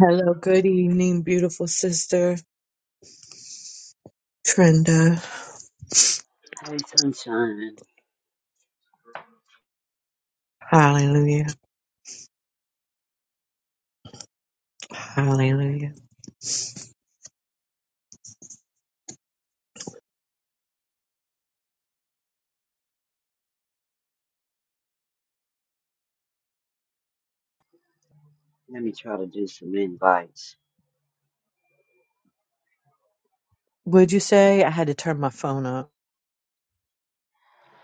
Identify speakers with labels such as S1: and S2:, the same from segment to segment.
S1: Hello, good evening, beautiful sister Trenda.
S2: Hi, sunshine.
S1: Hallelujah. Hallelujah.
S2: Let me try to do some invites.
S1: Would you say I had to turn my phone up?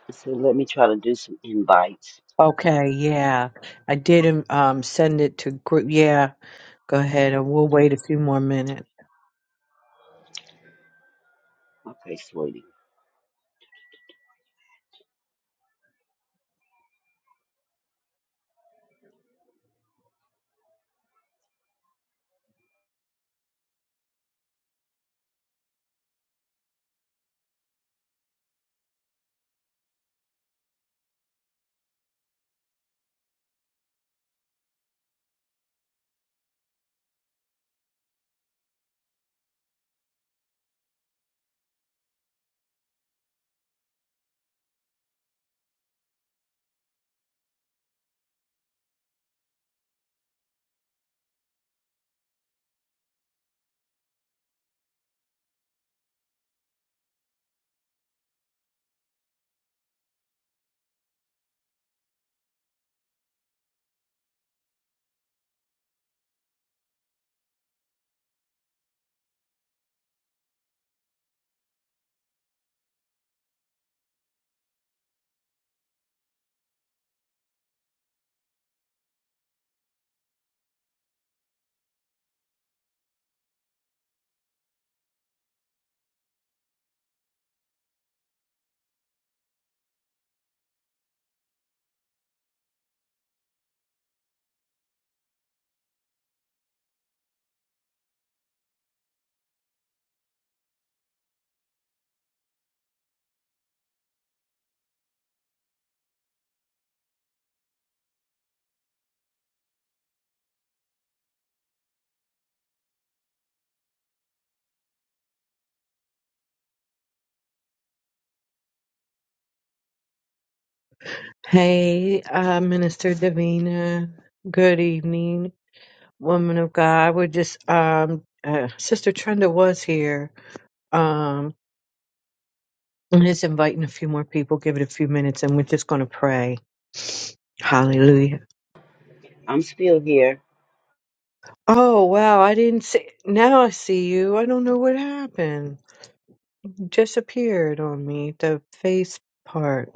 S2: I said, let me try to do some invites.
S1: Okay, yeah. I did um um, send it to group. Yeah, go ahead and we'll wait a few more minutes.
S2: Okay, sweetie.
S1: Hey, uh, Minister Davina. Good evening. woman of God. We're just um uh, Sister Trenda was here. Um and it's inviting a few more people. Give it a few minutes and we're just gonna pray. Hallelujah.
S2: I'm still here.
S1: Oh wow, I didn't see now I see you. I don't know what happened. You just appeared on me, the face part.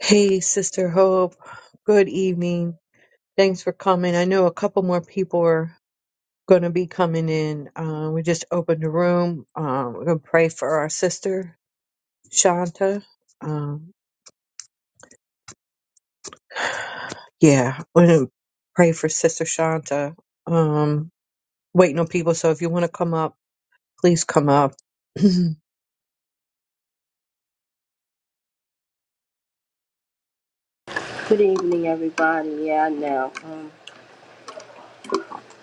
S1: Hey Sister Hope, good evening. Thanks for coming. I know a couple more people are gonna be coming in. Uh, we just opened the room. Um, we're gonna pray for our sister Shanta. Um, yeah, I'm gonna pray for Sister Shanta. Um, waiting on people. So if you want to come up, please come up.
S3: Good evening, everybody. Yeah, I know. Um,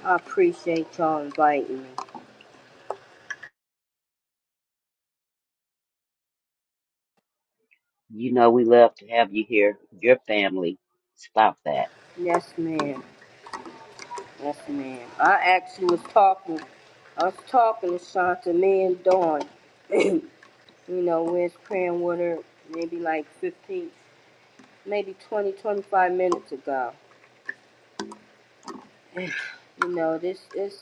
S3: I appreciate y'all inviting me.
S2: You know we love to have you here. Your family. Stop that.
S3: Yes, ma'am. Yes, ma'am. I actually was talking. I was talking to Shanta, me and Dawn. you know, we was praying with her maybe like 15, maybe 20, 25 minutes ago. You know, this is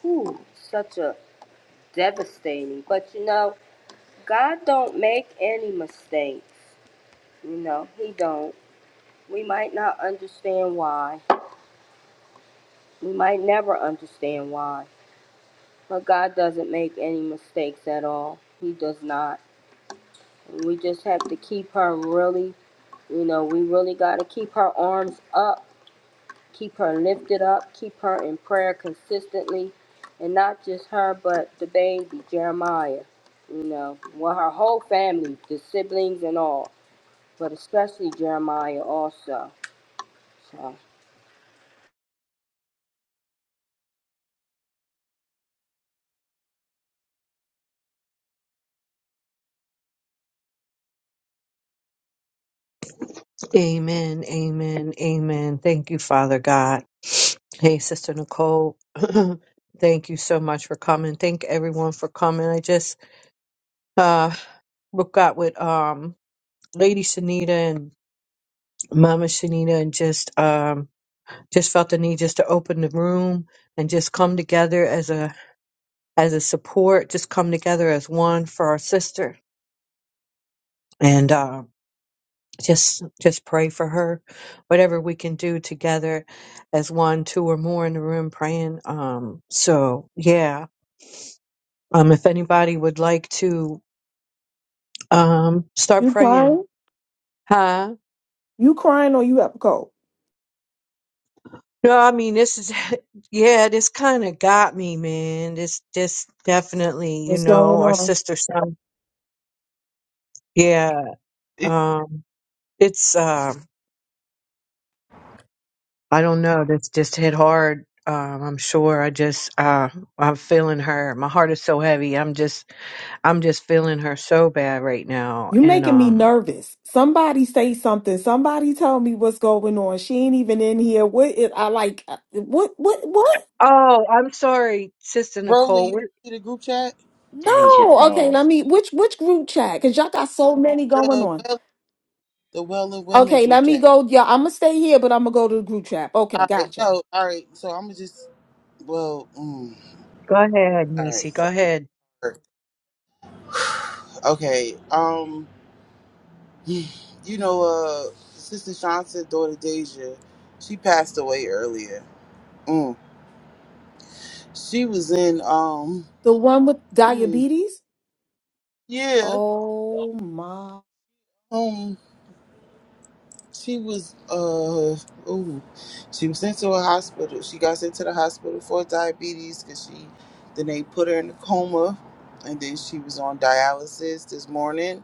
S3: whew, such a devastating. But you know, God don't make any mistakes. You know, He don't. We might not understand why We might never understand why, but God doesn't make any mistakes at all. He does not. we just have to keep her really, you know, we really got to keep her arms up, keep her lifted up, keep her in prayer consistently. And not just her, but the baby, Jeremiah, you know, well, her whole family, the siblings and all, but especially Jeremiah also. So,
S1: amen. Amen. Amen. Thank you, Father God. Hey, Sister Nicole. Thank you so much for coming. Thank everyone for coming. I just uh got with um Lady Shanita and Mama Shanita and just um just felt the need just to open the room and just come together as a as a support just come together as one for our sister and uh, just just pray for her whatever we can do together as one two or more in the room praying um so yeah um if anybody would like to um start
S4: You
S1: praying
S4: crying?
S1: huh
S4: You crying or you have a cold?
S1: no i mean this is yeah this kind of got me man this this definitely you
S4: What's going
S1: know our
S4: on?
S1: sister son yeah
S5: It,
S1: Um, it's uh, I don't know. That's just hit hard. Um, I'm sure. I just uh, I'm feeling her. My heart is so heavy. I'm just I'm just feeling her so bad right now.
S4: You
S1: And
S4: making me
S1: um,
S4: nervous. Somebody say something. Somebody tell me what's going on. She ain't even in here. What is I like? uh, What what what?
S1: oh, I'm sorry, Sister
S5: Roland,
S1: Nicole.
S5: you didn't
S1: We're,
S5: see the group chat?
S2: Deja
S4: No. Okay, let
S2: passed.
S4: me. Which which group chat? Cause y'all got so many going
S5: The
S4: on.
S5: well, the well of women
S4: Okay,
S5: group
S4: let me
S5: chat.
S4: go. Yeah, I'm gonna stay here, but I'm gonna go to the group chat. Okay,
S5: All right,
S4: gotcha.
S5: no, all right. So I'm gonna just well, mm,
S1: go ahead,
S5: all right.
S1: Nisi.
S5: that
S1: Go ahead.
S5: worked. Okay, um, you know, uh, Sister Shanta's daughter Deja, she passed away earlier. Mm. She was in, um,
S4: The one with
S5: mm,
S4: diabetes.
S5: yeah,
S4: Oh my.
S5: um, She was uh oh, she was sent to a hospital. She got sent to the hospital for diabetes because she then they put her in a coma, and then she was on dialysis this morning.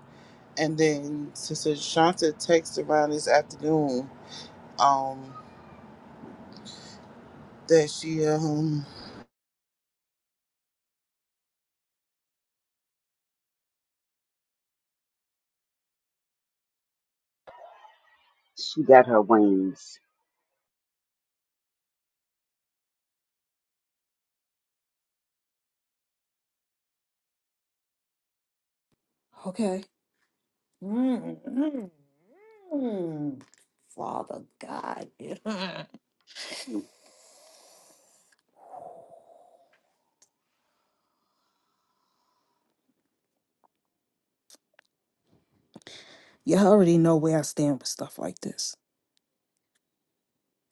S5: And then Sister Shanta texted around this afternoon um that she um
S2: She got her wings.
S4: Okay. Mm, mm, mm. Father God. Y'all already know where I stand with stuff like this.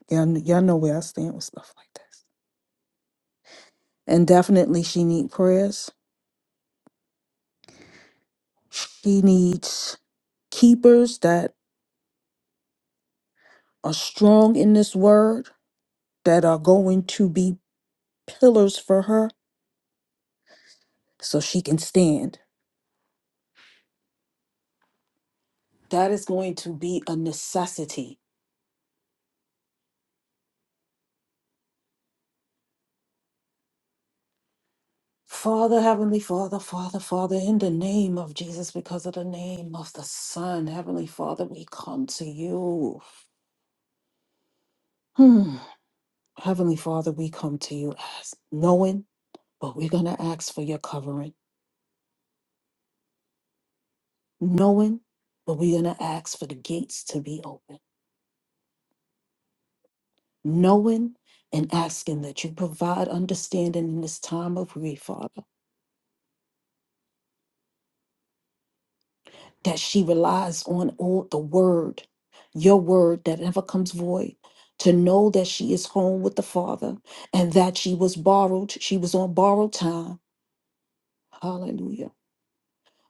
S4: Y'all, kn- y'all know where I stand with stuff like this. And definitely, she needs prayers. She needs keepers that are strong in this word, that are going to be pillars for her so she can stand. That is going to be a necessity. Father, Heavenly Father, Father, Father, in the name of Jesus, because of the name of the Son, Heavenly Father, we come to you. Heavenly Father, we come to you as knowing, but we're going to ask for your covering. Knowing, but we're going to ask for the gates to be open. Knowing and asking that you provide understanding in this time of grief, Father, that she relies on all the word, your word that never comes void. To know that she is home with the Father and that she was borrowed, she was on borrowed time. Hallelujah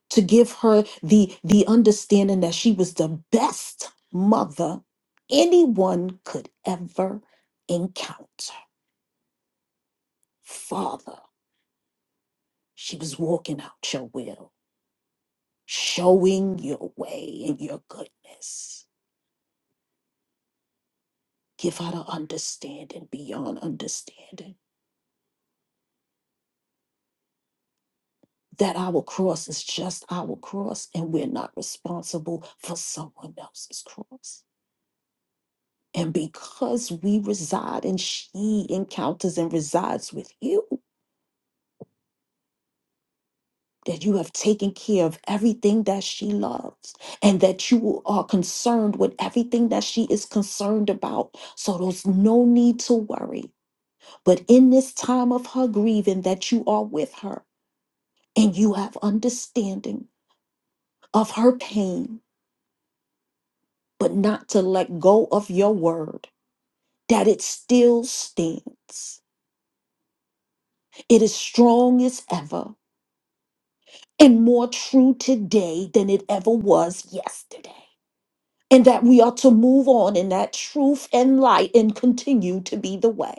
S4: to give her the the understanding that she was the best mother anyone could ever encounter father she was walking out your will showing your way and your goodness give her the understanding beyond understanding that our cross is just our cross and we're not responsible for someone else's cross and because we reside and she encounters and resides with you that you have taken care of everything that she loves and that you are concerned with everything that she is concerned about. So there's no need to worry. But in this time of her grieving, that you are with her and you have understanding of her pain, but not to let go of your word, that it still stands. It is strong as ever and more true today than it ever was yesterday. and that we are to move on in that truth and light and continue to be the way.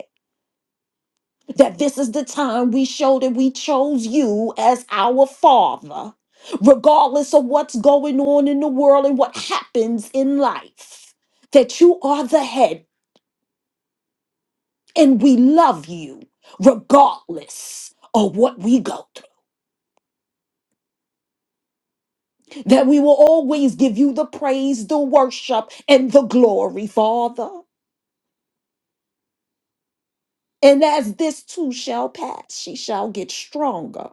S4: That this is the time we show that we chose you as our Father, regardless of what's going on in the world and what happens in life. That you are the head and we love you regardless of what we go through. That we will always give you the praise, the worship, and the glory, Father. And as this too shall pass, she shall get stronger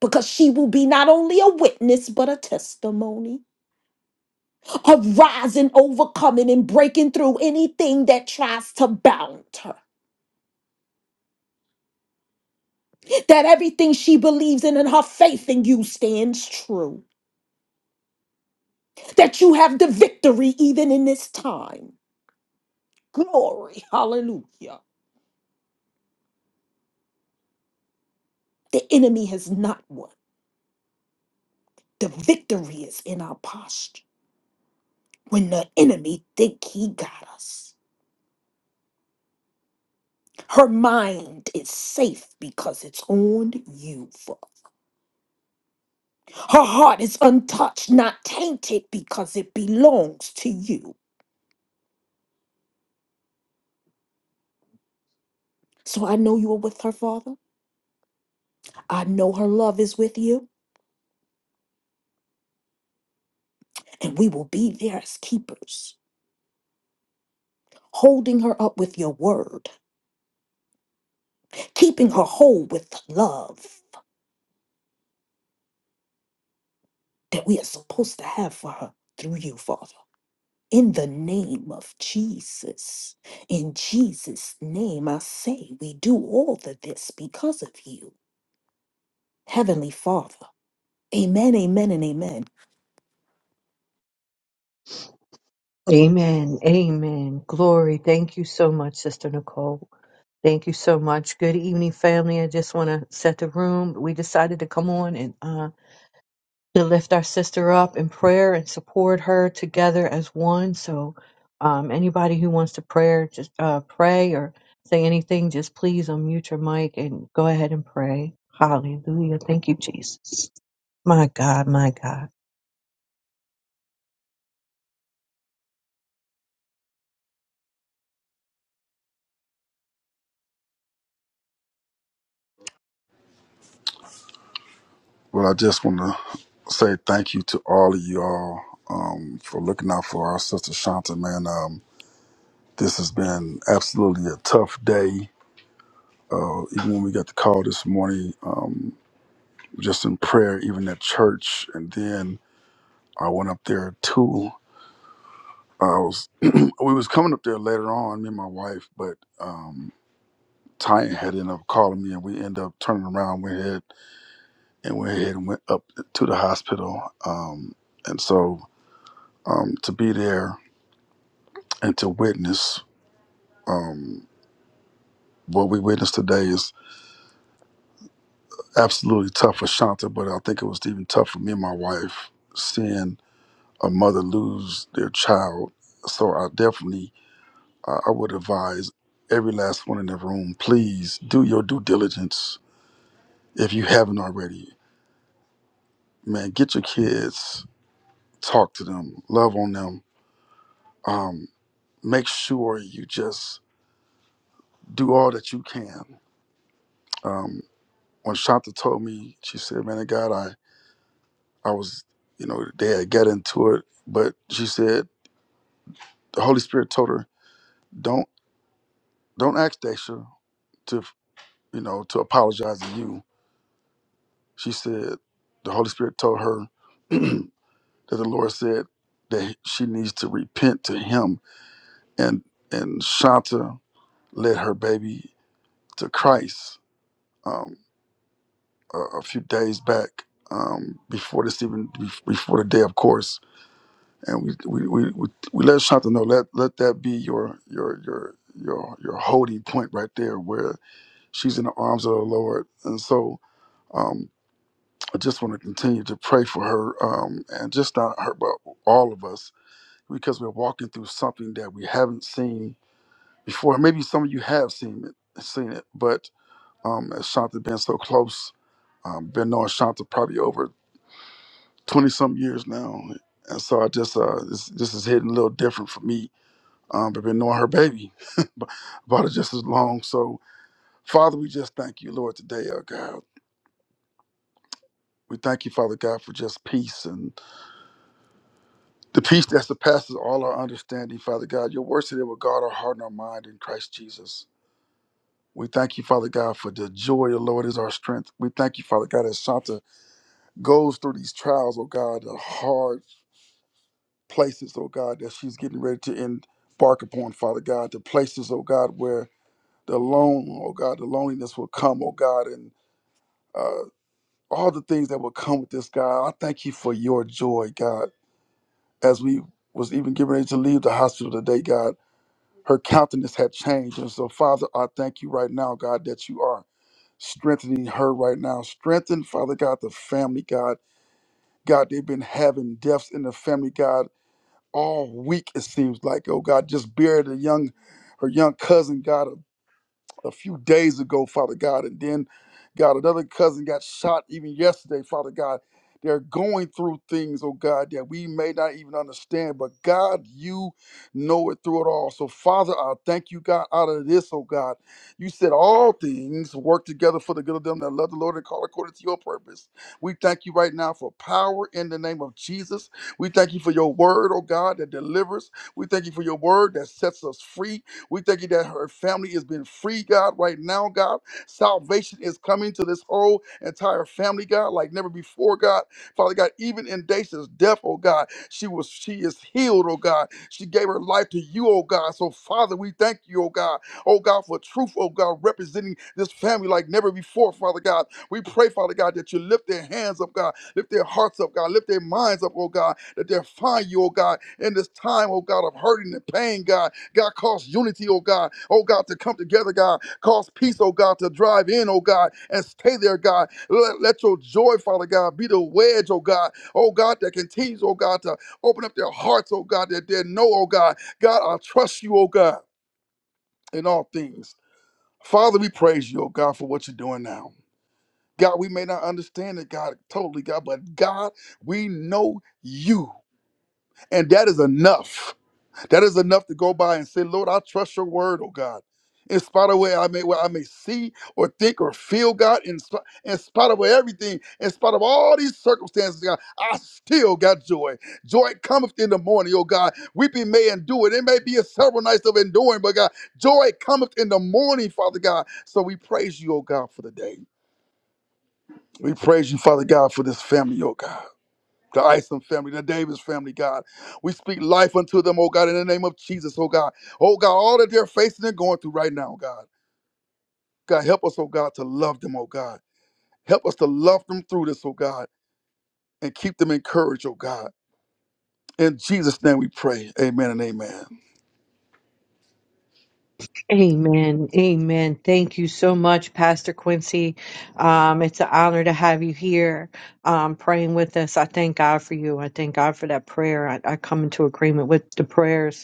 S4: because she will be not only a witness but a testimony of rising, overcoming, and breaking through anything that tries to bound her. That everything she believes in and her faith in you stands true. That you have the victory even in this time. Glory, hallelujah. The enemy has not won. The victory is in our posture when the enemy think he got us. Her mind is safe because it's on you. Father. Her heart is untouched, not tainted because it belongs to you. So I know you are with her, Father. I know her love is with you, and we will be there as keepers, holding her up with your word, keeping her whole with the love that we are supposed to have for her through you, Father. In the name of Jesus. In Jesus' name, I say we do all of this because of you. Heavenly Father. Amen, amen, and amen.
S1: Amen. Amen. Glory. Thank you so much, Sister Nicole. Thank you so much. Good evening, family. I just want to set the room. We decided to come on and uh, to lift our sister up in prayer and support her together as one. So, um, anybody who wants to pray, just uh, pray or say anything, just please unmute your mic and go ahead and pray. Hallelujah. Thank you, Jesus. My God, my God.
S6: Well, I just want to say thank you to all of you all um, for looking out for our sister Shanta, man. Um, this has been absolutely a tough day. Uh, even when we got the call this morning, um, just in prayer, even at church, and then I went up there too. I was we was coming up there later on, me and my wife, but um, Tyan had ended up calling me, and we ended up turning around, went ahead and went ahead and went up to the hospital. Um, and so um, to be there and to witness um, what we witnessed today is absolutely tough for Shanta, but I think it was even tough for me and my wife seeing a mother lose their child. So I definitely, I I would advise every last one in the room, please do your due diligence if you haven't already. Man, get your kids, talk to them, love on them. Um, make sure you just do all that you can Um, when Shanta told me, she said, "Man, of God, I I was, you know, they had got into it, but she said the Holy Spirit told her, don't don't ask Daisha to, you know, to apologize to you." She said the Holy Spirit told her that the Lord said that she needs to repent to Him, and and Shanta led her baby to Christ um, a, a few days back um, before this even before the day, of course and we we, we, we, we let Shanta know let let that be your your your your your holding point right there where she's in the arms of the Lord and so um, I just want to continue to pray for her um, and just not her but all of us because we're walking through something that we haven't seen before maybe some of you have seen it seen it but um, as Shanta been so close um, been knowing Shanta probably over 20 some years now and so I just uh, this, this is hitting a little different for me um, but been knowing her baby about it just as long. So, Father, we just thank you, Lord, today, oh God. We thank you, Father God, for just peace and the peace that surpasses all our understanding, Father God. Your word said it will guard our heart and our mind in Christ Jesus. We thank you, Father God, for the joy of the Lord is our strength. We thank you, Father God, as Shanta goes through these trials, oh God, the hard places, oh God, that she's getting ready to embark upon, Father God, the places, oh God, where the lone, oh God, the loneliness will come, oh God, and uh, all the things that will come with this, God. I thank you for your joy, God. As we was even getting ready to leave the hospital today, God, her countenance had changed. And so, Father, I thank you right now, God, that you are strengthening her right now. Strengthen, Father God, the family, God. God, they've been having deaths in the family, God, all week, it seems like. Oh God, just buried a young her young cousin, God. a a few days ago, Father God. And then, God, another cousin got shot even yesterday, Father God. They're going through things, oh God, that we may not even understand, but God, you know it through it all. So, Father, I thank you, God, out of this, oh God. You said all things work together for the good of them that love the Lord and call according to your purpose. We thank you right now for power in the name of Jesus. We thank you for your word, oh God, that delivers. We thank you for your word that sets us free. We thank you that her family is being free, God, right now, God. Salvation is coming to this whole entire family, God, like never before, God. Father God, even in Dacia's death, oh God, she was she is healed, oh God. She gave her life to you, oh God. So Father, we thank you, oh God. Oh God, for truth, oh God, representing this family like never before, Father God. We pray, Father God, that you lift their hands up, God, lift their hearts up, God, lift their minds up, oh God, that they'll find you, oh God, in this time, oh God, of hurting and pain, God. God, cause unity, oh God. Oh God, to come together, God. Cause peace, oh God, to drive in, oh God, and stay there, God. Let, let your joy, Father God, be the wedge, oh God. Oh God, that continues, oh God, to open up their hearts, oh God, that they know, oh God. God, I trust you, oh God, in all things. Father, we praise you, oh God, for what you're doing now. God, we may not understand it, God, totally, God, but God, we know you, and that is enough. That is enough to go by and say, Lord, I trust your word, oh God. In spite of where I may where I may see or think or feel, God, in, sp- in spite of everything, in spite of all these circumstances, God, I still got joy. Joy cometh in the morning, oh God. Weeping may endure. It may be a several nights of enduring, but God, joy cometh in the morning, Father God. So we praise you, oh God, for the day. We praise you, Father God, for this family, oh God the Isom family, the Davis family, God. We speak life unto them, oh God, in the name of Jesus, oh God. Oh God, all that they're facing and going through right now, God. God, help us, oh God, to love them, oh God. Help us to love them through this, oh God, and keep them encouraged, oh God. In Jesus' name we pray. Amen and amen.
S1: Amen. Amen. Thank you so much, Pastor Quincy. Um, it's an honor to have you here um, praying with us. I thank God for you. I thank God for that prayer. I, I come into agreement with the prayers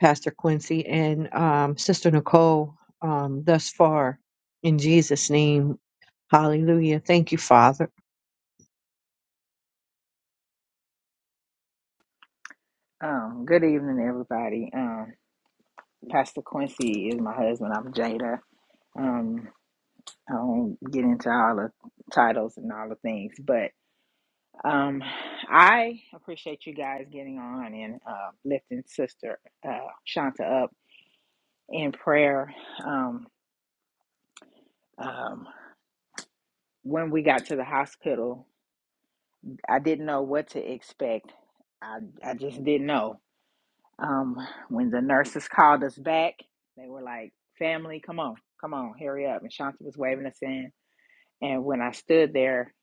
S1: Pastor Quincy and um, Sister Nicole um, thus far. In Jesus' name, hallelujah. Thank you, Father.
S7: Um, good evening, everybody. Um, Pastor Quincy is my husband. I'm Jada. Um, I won't get into all the titles and all the things, but um, I appreciate you guys getting on and uh, lifting Sister uh, Shanta up in prayer. Um, um, when we got to the hospital, I didn't know what to expect. I, I just didn't know. Um, when the nurses called us back, they were like, "Family, come on, come on, hurry up!" And Shanta was waving us in. And when I stood there,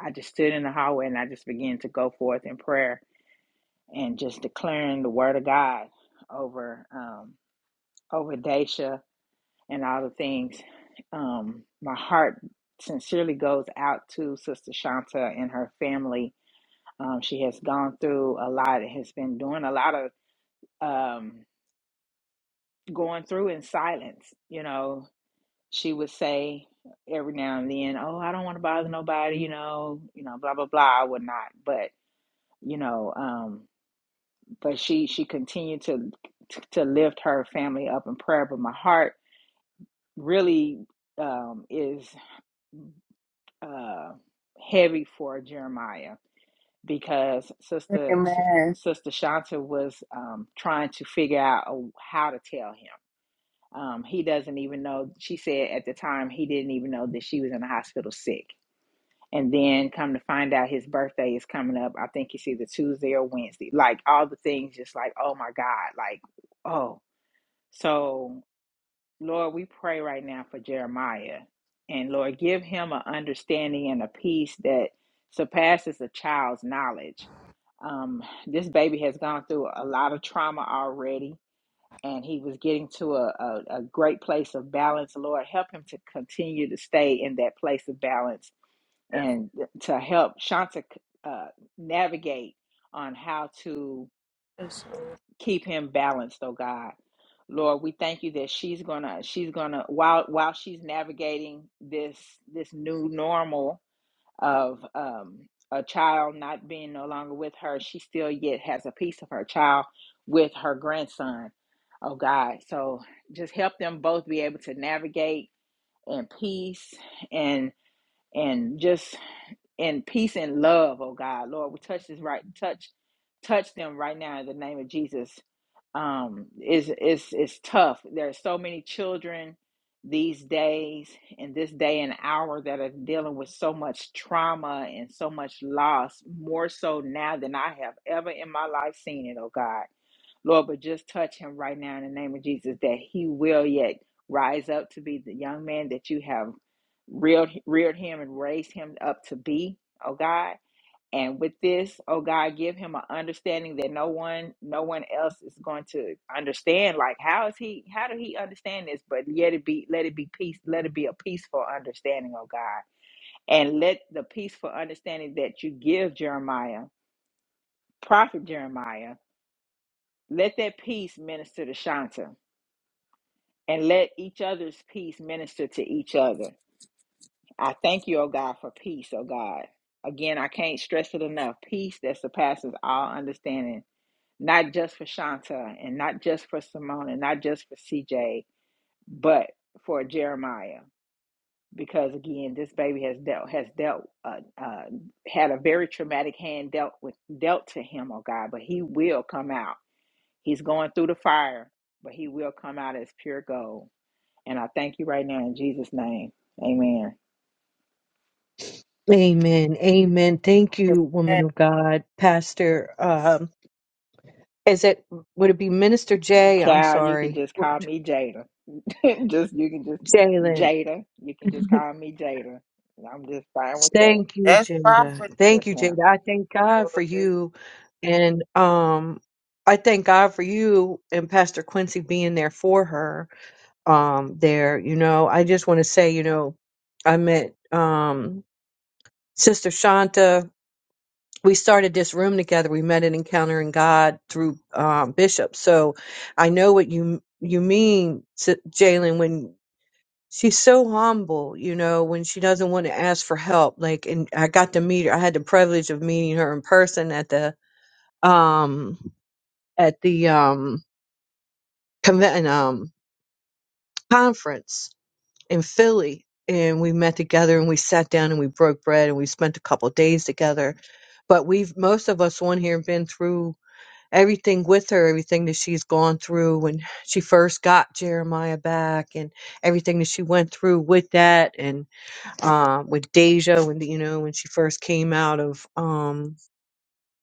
S7: I just stood in the hallway and I just began to go forth in prayer and just declaring the word of God over um, over Daisha and all the things. Um, my heart sincerely goes out to Sister Shanta and her family. Um, she has gone through a lot and has been doing a lot of. Um, going through in silence. You know, she would say every now and then, "Oh, I don't want to bother nobody," you know, you know, blah blah blah, or not. But you know, um, but she she continued to to lift her family up in prayer. But my heart really um, is uh, heavy for Jeremiah because sister
S5: Amen.
S7: sister Shanta was um, trying to figure out uh, how to tell him Um, he doesn't even know, she said at the time, he didn't even know that she was in the hospital sick. And then come to find out his birthday is coming up. I think it's either Tuesday or Wednesday. Like all the things, just like, oh my God, like, oh. So, Lord, we pray right now for Jeremiah. And Lord, give him an understanding and a peace that surpasses a child's knowledge. Um, this baby has gone through a lot of trauma already and he was getting to a, a, a great place of balance. Lord, help him to continue to stay in that place of balance and to help Shanta uh, navigate on how to
S5: Yes,
S7: keep him balanced, oh God. Lord, we thank you that she's gonna she's gonna while while she's navigating this this new normal of um, a child not being no longer with her. She still yet has a piece of her child with her grandson. Oh God. So just help them both be able to navigate in peace and and just in peace and love, oh God. Lord, we touch this right touch touch them right now in the name of Jesus. Um is is is tough. There are so many children these days in this day and hour that are dealing with so much trauma and so much loss, more so now than I have ever in my life seen it, oh God. Lord, but just touch him right now in the name of Jesus that he will yet rise up to be the young man that you have reared, reared him and raised him up to be, oh God. And with this, oh God, give him an understanding that no one, no one else is going to understand. Like, how is he? How do he understand this? But yet it be, let it be peace. Let it be a peaceful understanding, oh God. And let the peaceful understanding that you give Jeremiah, prophet Jeremiah, let that peace minister to Shanta. and let each other's peace minister to each other. I thank you, oh God, for peace, oh God. Again, I can't stress it enough. Peace that surpasses all understanding, not just for Shanta and not just for Simone and not just for CJ, but for Jeremiah. Because again, this baby has dealt has dealt uh, uh, had a very traumatic hand dealt with dealt to him, oh God. But he will come out. He's going through the fire, but he will come out as pure gold. And I thank you right now in Jesus' name. Amen.
S1: Amen. Amen. Thank you, woman
S5: Amen.
S1: of God. Pastor, um, is it, would it be Minister Jay? I'm
S7: Child, you can
S1: sorry.
S7: just
S1: What
S7: call
S1: would-
S7: me Jada. just you can just
S1: Jalen.
S7: Jada. You can just call me Jada. I'm just fine with that.
S1: thank you,
S5: that's
S1: Jada.
S5: prophet,
S7: Yes,
S1: Thank you,
S7: ma'am.
S1: Jada. I thank God for
S5: boy.
S1: you. And um, I thank God for you and Pastor Quincy being there for her um, there. You know, I just want to say, you know, I met um, Sister Shanta. We started this room together. We met at Encountering God through um, Bishop. So I know what you you mean, S- Jalen, when she's so humble. You know, when she doesn't want to ask for help. Like, and I got to meet her. I had the privilege of meeting her in person at the um at the um convent um conference in Philly and we met together and we sat down and we broke bread and we spent a couple of days together. But we've most of us on here have been through everything with her, everything that she's gone through when she first got Jeremiah back and everything that she went through with that and um with Deja when you know when she first came out of um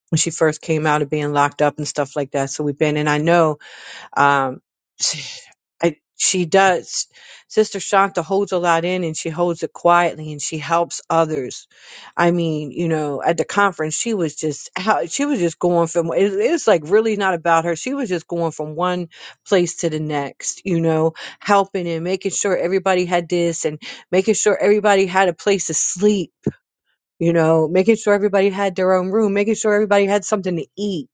S1: when she first came out of being locked up and stuff like that. So we've been and I know um, she, I, she does. Sister Shanta holds a lot in and she holds it quietly and she helps others. I mean, you know, at the conference, she was just how she was just going from it, it's like really not about her. She was just going from one place to the next, you know, helping and making sure everybody had this and making sure everybody had a place to sleep you know, making sure everybody had their own room, making sure everybody had something to eat.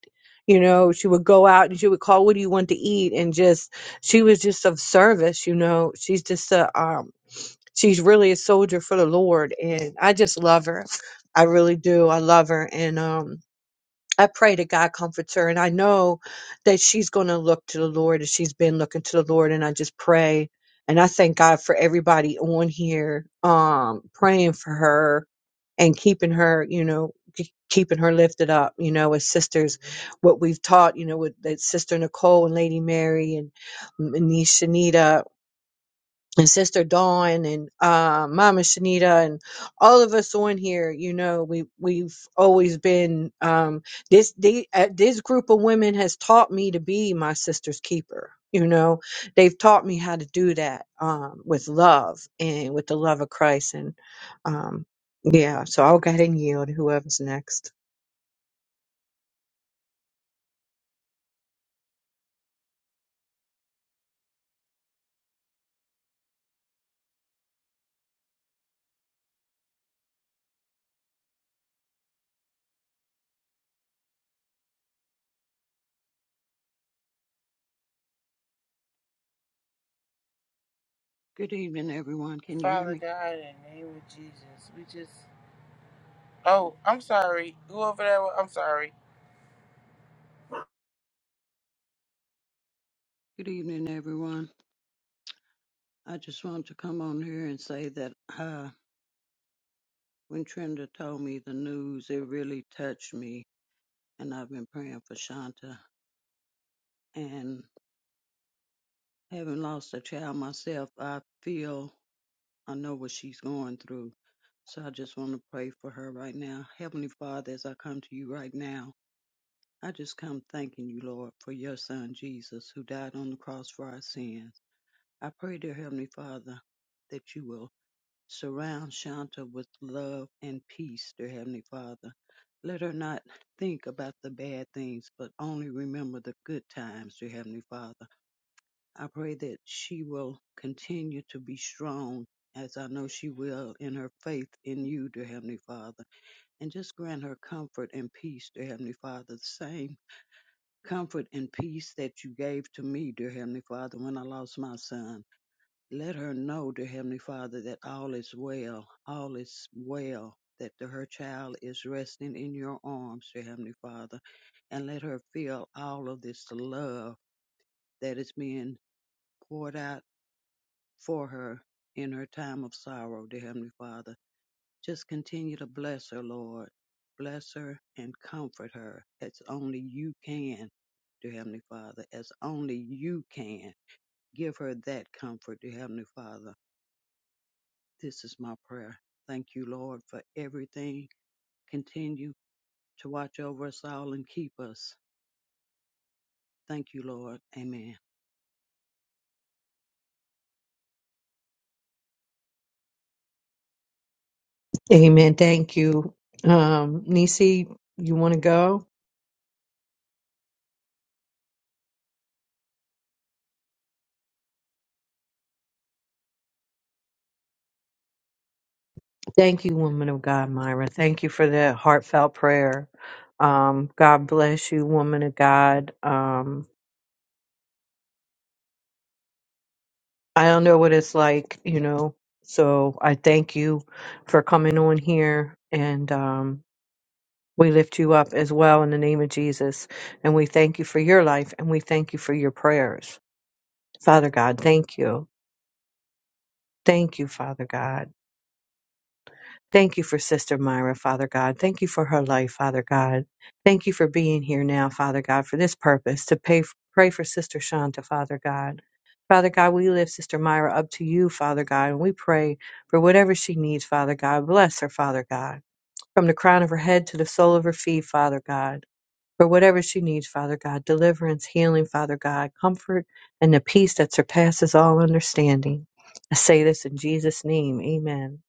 S1: You know, she would go out and she would call, "What do you want to eat?" And just she was just of service. You know, she's just a um, she's really a soldier for the Lord, and I just love her. I really do. I love her, and um, I pray that God comforts her, and I know that she's going to look to the Lord, and she's been looking to the Lord, and I just pray. And I thank God for everybody on here um, praying for her and keeping her, you know, k- keeping her lifted up, you know, as sisters, what we've taught, you know, with that sister Nicole and Lady Mary and Niece Shanita and Sister Dawn and uh, Mama Shanita and all of us on here, you know, we we've always been um, this the, uh, this group of women has taught me to be my sister's keeper. You know, they've taught me how to do that um, with love and with the love of Christ, and um, yeah. So I'll go ahead and yield. Whoever's next,
S8: Good evening, everyone. Can you hear
S5: Father
S8: me?
S5: God, in the name of Jesus, we just. Oh, I'm sorry. Who over there? I'm sorry.
S8: Good evening, everyone. I just want to come on here and say that uh, when Trenda told me the news, it really touched me, and I've been praying for Shanta. And having lost a child myself, I feel I know what she's going through. So I just want to pray for her right now. Heavenly Father, as I come to you right now, I just come thanking you, Lord, for your son Jesus, who died on the cross for our sins. I pray, dear Heavenly Father, that you will Surround Shanta with love and peace, dear Heavenly Father. Let her not think about the bad things, but only remember the good times, dear Heavenly Father. I pray that she will continue to be strong, as I know she will, in her faith in you, dear Heavenly Father. And just grant her comfort and peace, dear Heavenly Father. The same comfort and peace that you gave to me, dear Heavenly Father, when I lost my son. Let her know, dear Heavenly Father, that all is well, all is well, that the- her child is resting in your arms, dear Heavenly Father, and let her feel all of this love that is being poured out for her in her time of sorrow, dear Heavenly Father. Just continue to bless her, Lord. Bless her and comfort her as only you can, dear Heavenly Father, as only you can. Give her that comfort, dear Heavenly Father This is my prayer. Thank you, Lord, for everything. Continue to watch over us all and keep us. Thank you, Lord. Amen.
S1: Amen. Thank you, um, Nisi. You want to go? Thank you, woman of God, Myra. Thank you for that heartfelt prayer. Um, God bless you, woman of God. Um, I don't know what it's like, you know, so I thank you for coming on here and um, we lift you up as well in the name of Jesus. And we thank you for your life and we thank you for your prayers. Father God, thank you. Thank you, Father God. Thank you for Sister Myra, Father God. Thank you for her life, Father God. Thank you for being here now, Father God, for this purpose to pay, pray for Sister Shanta, Father God. Father God, we lift Sister Myra up to you, Father God, and we pray for whatever she needs, Father God. Bless her, Father God, from the crown of her head to the sole of her feet, Father God, for whatever she needs, Father God. Deliverance, healing, Father God, comfort, and the peace that surpasses all understanding. I say this in Jesus' name. Amen.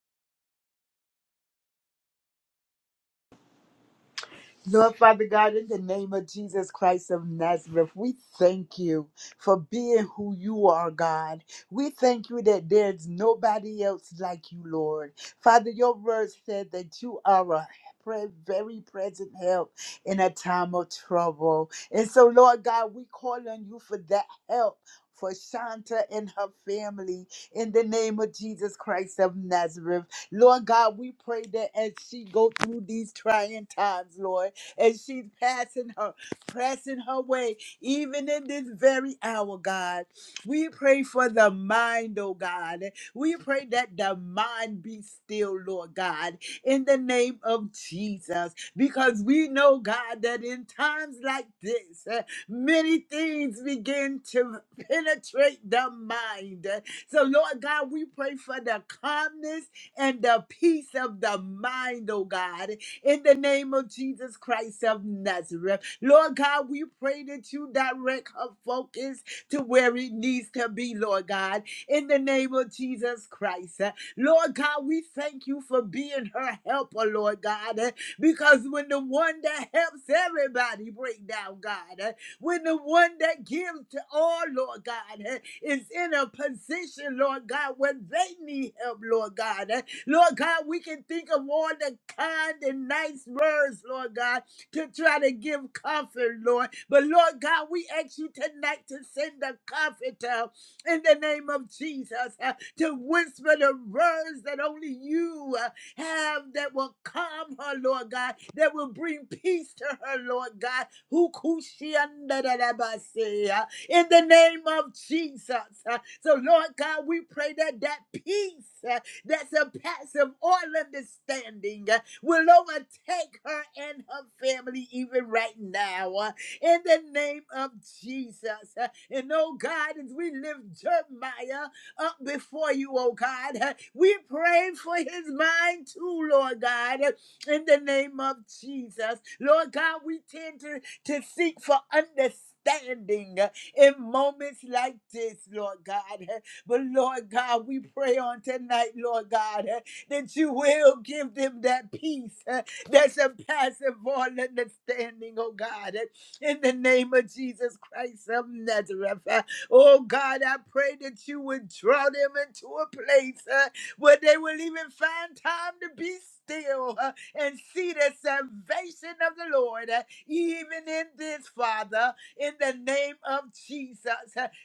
S9: Lord Father God, in the name of Jesus Christ of Nazareth, we thank you for being who you are, God. We thank you that there's nobody else like you, Lord. Father, your word said that you are a pre- very present help in a time of trouble. And so, Lord God, we call on you for that help. For Shanta and her family, in the name of Jesus Christ of Nazareth, Lord God, we pray that as she go through these trying times, Lord, and she's passing her, pressing her way, even in this very hour, God. We pray for the mind, oh God. We pray that the mind be still, Lord God, in the name of Jesus, because we know, God, that in times like this, eh, many things begin to penetrate the mind. So, Lord God, we pray for the calmness and the peace of the mind, oh God in the name of Jesus Christ of Nazareth. Lord God, we pray that you direct her focus to where it needs to be, Lord God, in the name of Jesus Christ. Uh, Lord God, we thank you for being her helper, Lord God, uh, because when the one that helps everybody break down, God, uh, when the one that gives to all, Lord God, uh, is in a position, Lord God, where they need help, Lord God. uh, Lord God, we can think of all the kind and nice words, Lord God, to try to give comfort, Lord. But Lord God, we ask you tonight to send a comforter in the name of Jesus uh, to whisper the words that only you uh, have that will calm her, Lord God, that will bring peace to her, Lord God. Hukushiandadadabase, uh, In the name of Jesus. uh, So, Lord God, we pray that that peace. uh, that surpasses all understanding uh, will overtake her and her family even right now. uh, In the name of Jesus. Uh, And oh God, as we lift Jeremiah up before you, oh God, uh, we pray for his mind too, Lord God, uh, in the name of Jesus. Lord God, we tend to, to seek for understanding uh, in moments like this, Lord God. uh, but Lord God, we pray on tonight, Lord God, eh, that you will give them that peace eh, that surpasses all understanding, oh God, eh, in the name of Jesus Christ of Nazareth. eh. Oh God, I pray that you would draw them into a place eh, where they will even find time to be still eh, and see the salvation of the Lord, eh, even in this, Father in the name of Jesus.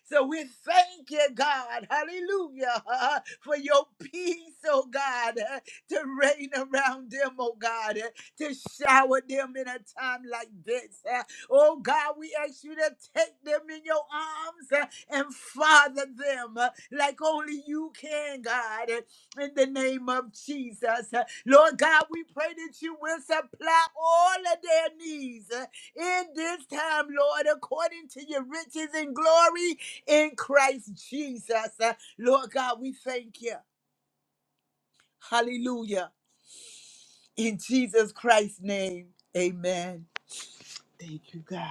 S9: So we thank you, God, hallelujah, for your peace, oh God, to reign around them, oh God, to shower them in a time like this. Oh God, we ask you to take them in your arms uh, and father them uh, like only you can, God, uh, in the name of Jesus. Uh, Lord God, we pray that you will supply all of their needs. uh, in this time, Lord, according to your riches and glory in Christ Jesus. Uh, Lord God, we thank you. Hallelujah. In Jesus Christ's name, amen. Thank you, God.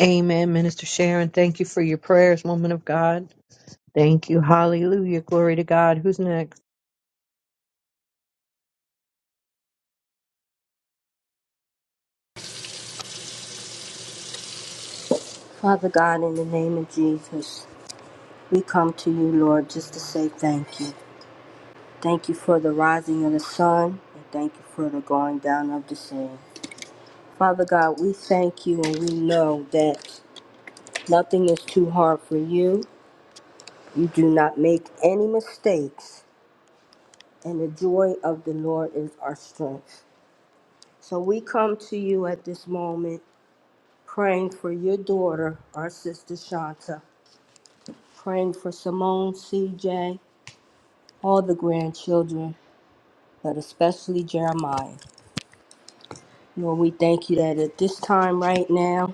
S1: Amen, Minister Sharon. Thank you for your prayers, woman of God. Thank you. Hallelujah. Glory to God. Who's next?
S3: Father God, in the name of Jesus, we come to you, Lord, just to say thank you. Thank you for the rising of the sun, and thank you for the going down of the same. Father God, we thank you and we know that nothing is too hard for you. You do not make any mistakes, and the joy of the Lord is our strength. So we come to you at this moment praying for your daughter, our sister Shanta, praying for Simone, CJ, all the grandchildren, but especially Jeremiah. Lord, we thank you that at this time right now,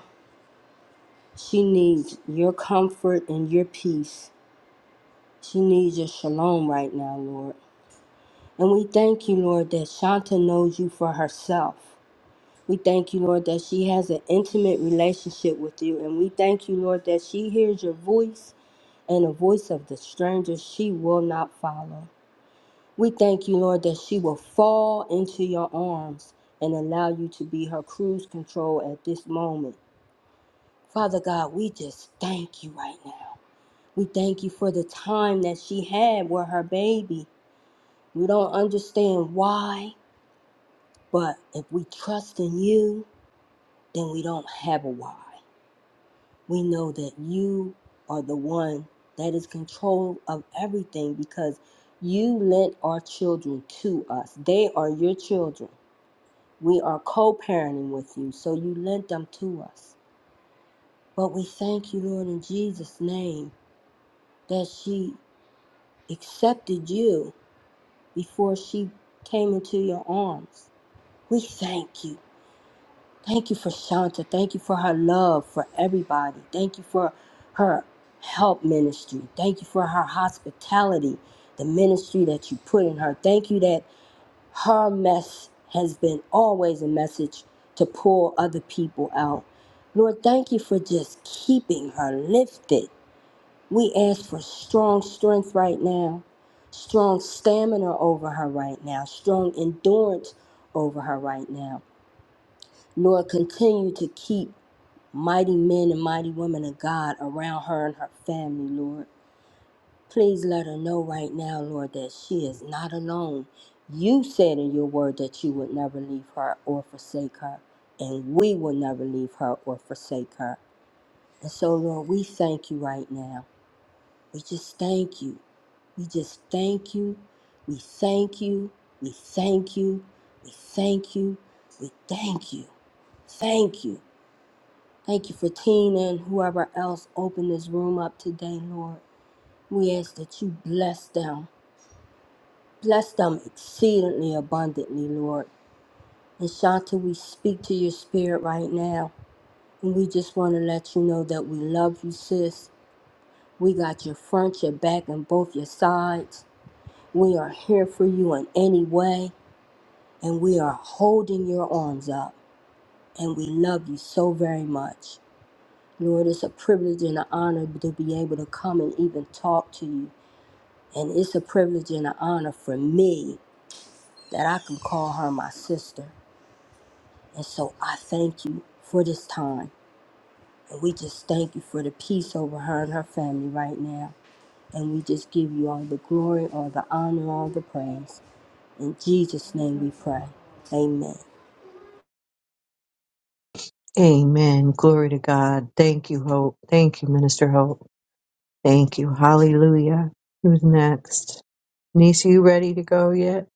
S3: She needs your comfort and your peace. She needs your shalom right now, Lord. And we thank you, Lord, that Shanta knows you for herself. We thank you, Lord, that she has an intimate relationship with you. And we thank you, Lord, that she hears your voice and the voice of the stranger she will not follow. We thank you, Lord, that she will fall into your arms and allow you to be her cruise control at this moment. Father God, we just thank you right now. We thank you for the time that she had with her baby. We don't understand why, but if we trust in you, then we don't have a why. We know that you are the one that is control of everything because you lent our children to us. They are your children. We are co-parenting with you, so you lent them to us. But we thank you, Lord, in Jesus' name, that she accepted you before she came into your arms. We thank you. Thank you for Shanta. Thank you for her love for everybody. Thank you for her help ministry. Thank you for her hospitality, the ministry that you put in her. Thank you that her mess has been always a message to pull other people out. Lord, thank you for just keeping her lifted. We ask for strong strength right now, strong stamina over her right now, strong endurance over her right now. Lord, continue to keep mighty men and mighty women of God around her and her family, Lord. Please let her know right now, Lord, that she is not alone. You said in your word that you would never leave her or forsake her, and we will never leave her or forsake her. And so, Lord, we thank you right now. We just thank you. We just thank you. We thank you. We thank you. We thank you. We thank you. Thank you. Thank you for Tina and whoever else opened this room up today, Lord. We ask that you bless them. Bless them exceedingly abundantly, Lord. And Shanta, we speak to your spirit right now. And we just want to let you know that we love you, sis. We got your front, your back, and both your sides. We are here for you in any way, and we are holding your arms up, and we love you so very much. Lord, it's a privilege and an honor to be able to come and even talk to you. And it's a privilege and an honor for me that I can call her my sister. And so I thank you for this time. And we just thank you for the peace over her and her family right now. And we just give you all the glory, all the honor, all the praise. In Jesus' name we pray. Amen.
S1: Amen. Glory to God. Thank you, Hope. Thank you, Minister Hope. Thank you. Hallelujah. Who's next? Nisa, you ready to go yet?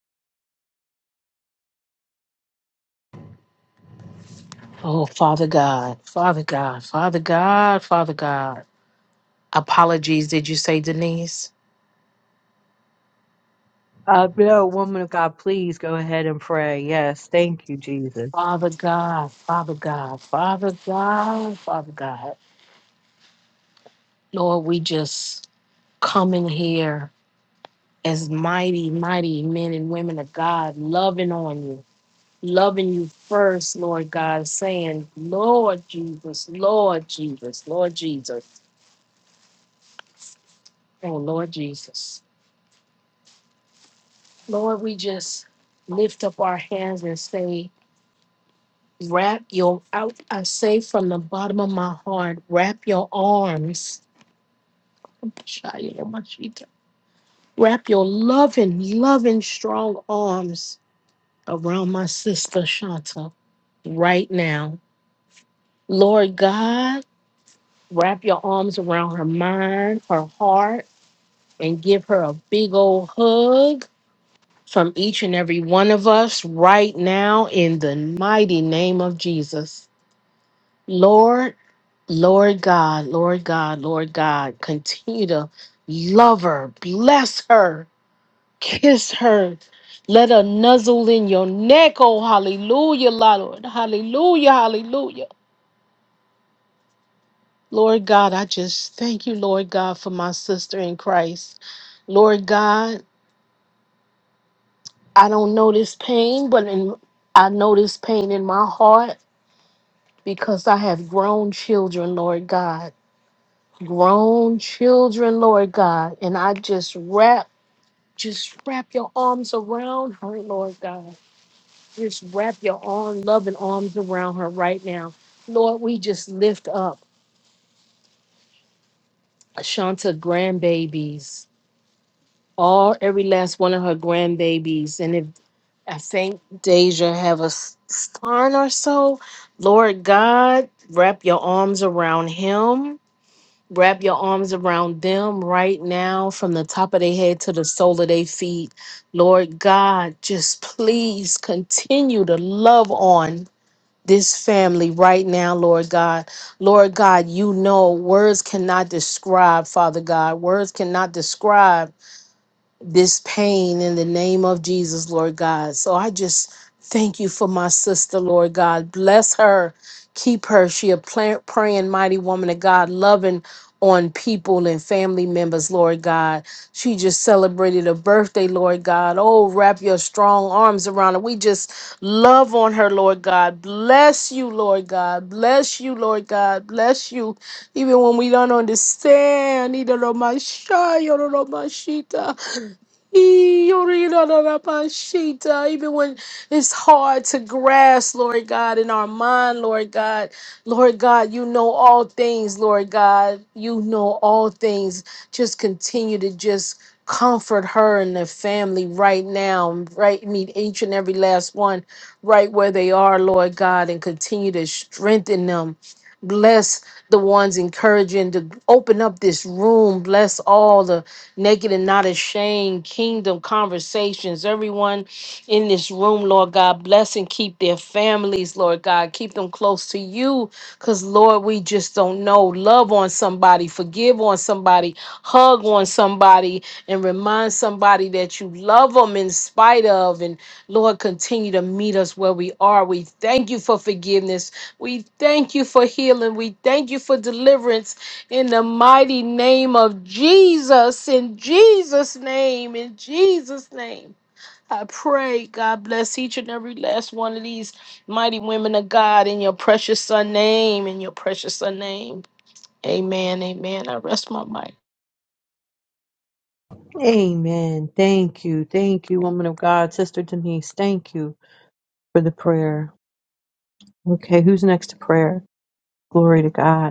S10: Oh, Father God, Father God, Father God, Father God. Apologies, did you say, Denise?
S1: Uh, no, woman of God, please go ahead and pray. Yes. Thank you, Jesus.
S10: Father God, Father God, Father God, Father God. Lord, we just come in here as mighty, mighty men and women of God, loving on you, loving you first, Lord God, saying, Lord Jesus, Lord Jesus, Lord Jesus, oh, Lord Jesus. Lord, we just lift up our hands and say, Wrap your out. I say from the bottom of my heart, wrap your arms. Shia Machita. Wrap your loving, loving, strong arms around my sister Shanta right now. Lord God, wrap your arms around her mind, her heart, and give her a big old hug from each and every one of us right now in the mighty name of Jesus. Lord, Lord God, Lord God, Lord God, continue to love her, bless her, kiss her. Let her nuzzle in your neck. Oh, hallelujah, Lord. Hallelujah, hallelujah. Lord God, I just thank you, Lord God, for my sister in Christ. Lord God, I don't know this pain, but in, I know this pain in my heart because I have grown children, Lord God. grown children, Lord God. And I just wrap, just wrap your arms around her, Lord God. Just wrap your arm, loving arms around her right now. Lord, we just lift up Ashanta grandbabies, all every last one of her grandbabies. And if I think Deja have a s- son or so, Lord God, wrap your arms around him. Wrap your arms around them right now from the top of their head to the sole of their feet. Lord God, just please continue to love on this family right now, Lord God. Lord God, you know words cannot describe, Father God. Words cannot describe this pain in the name of Jesus, Lord God. So I just thank you for my sister, Lord God. Bless her, keep her. She a pla- praying, mighty woman of God, loving on people and family members, Lord God. She just celebrated a birthday, Lord God. Oh, wrap your strong arms around her. We just love on her, Lord God. Bless you, Lord God. Bless you, Lord God. Bless you. Even when we don't understand, Yorinarabashita, Even when it's hard to grasp, Lord God, in our mind, Lord God, Lord God, you know all things, Lord God, you know all things. Just continue to just comfort her and the family right now, And right? Meet each and every last one right where they are, Lord God, and continue to strengthen them. Bless the ones encouraging to open up this room. Bless all the naked and not ashamed, kingdom conversations. Everyone in this room, Lord God, bless and keep their families, Lord God. Keep them close to you because, Lord, we just don't know. Love on somebody, forgive on somebody, hug on somebody, and remind somebody that you love them in spite of. And, Lord, continue to meet us where we are. We thank you for forgiveness. We thank you for healing. We thank you for deliverance. In the mighty name of Jesus, in Jesus' name, in Jesus' name. I pray God bless each and every last one of these mighty women of God in your precious son name, in your precious son name. Amen. Amen. I rest my mic.
S1: Amen. Thank you. Thank you, woman of God. Sister Denise, thank you for the prayer. Okay. Who's next to prayer? Glory to God.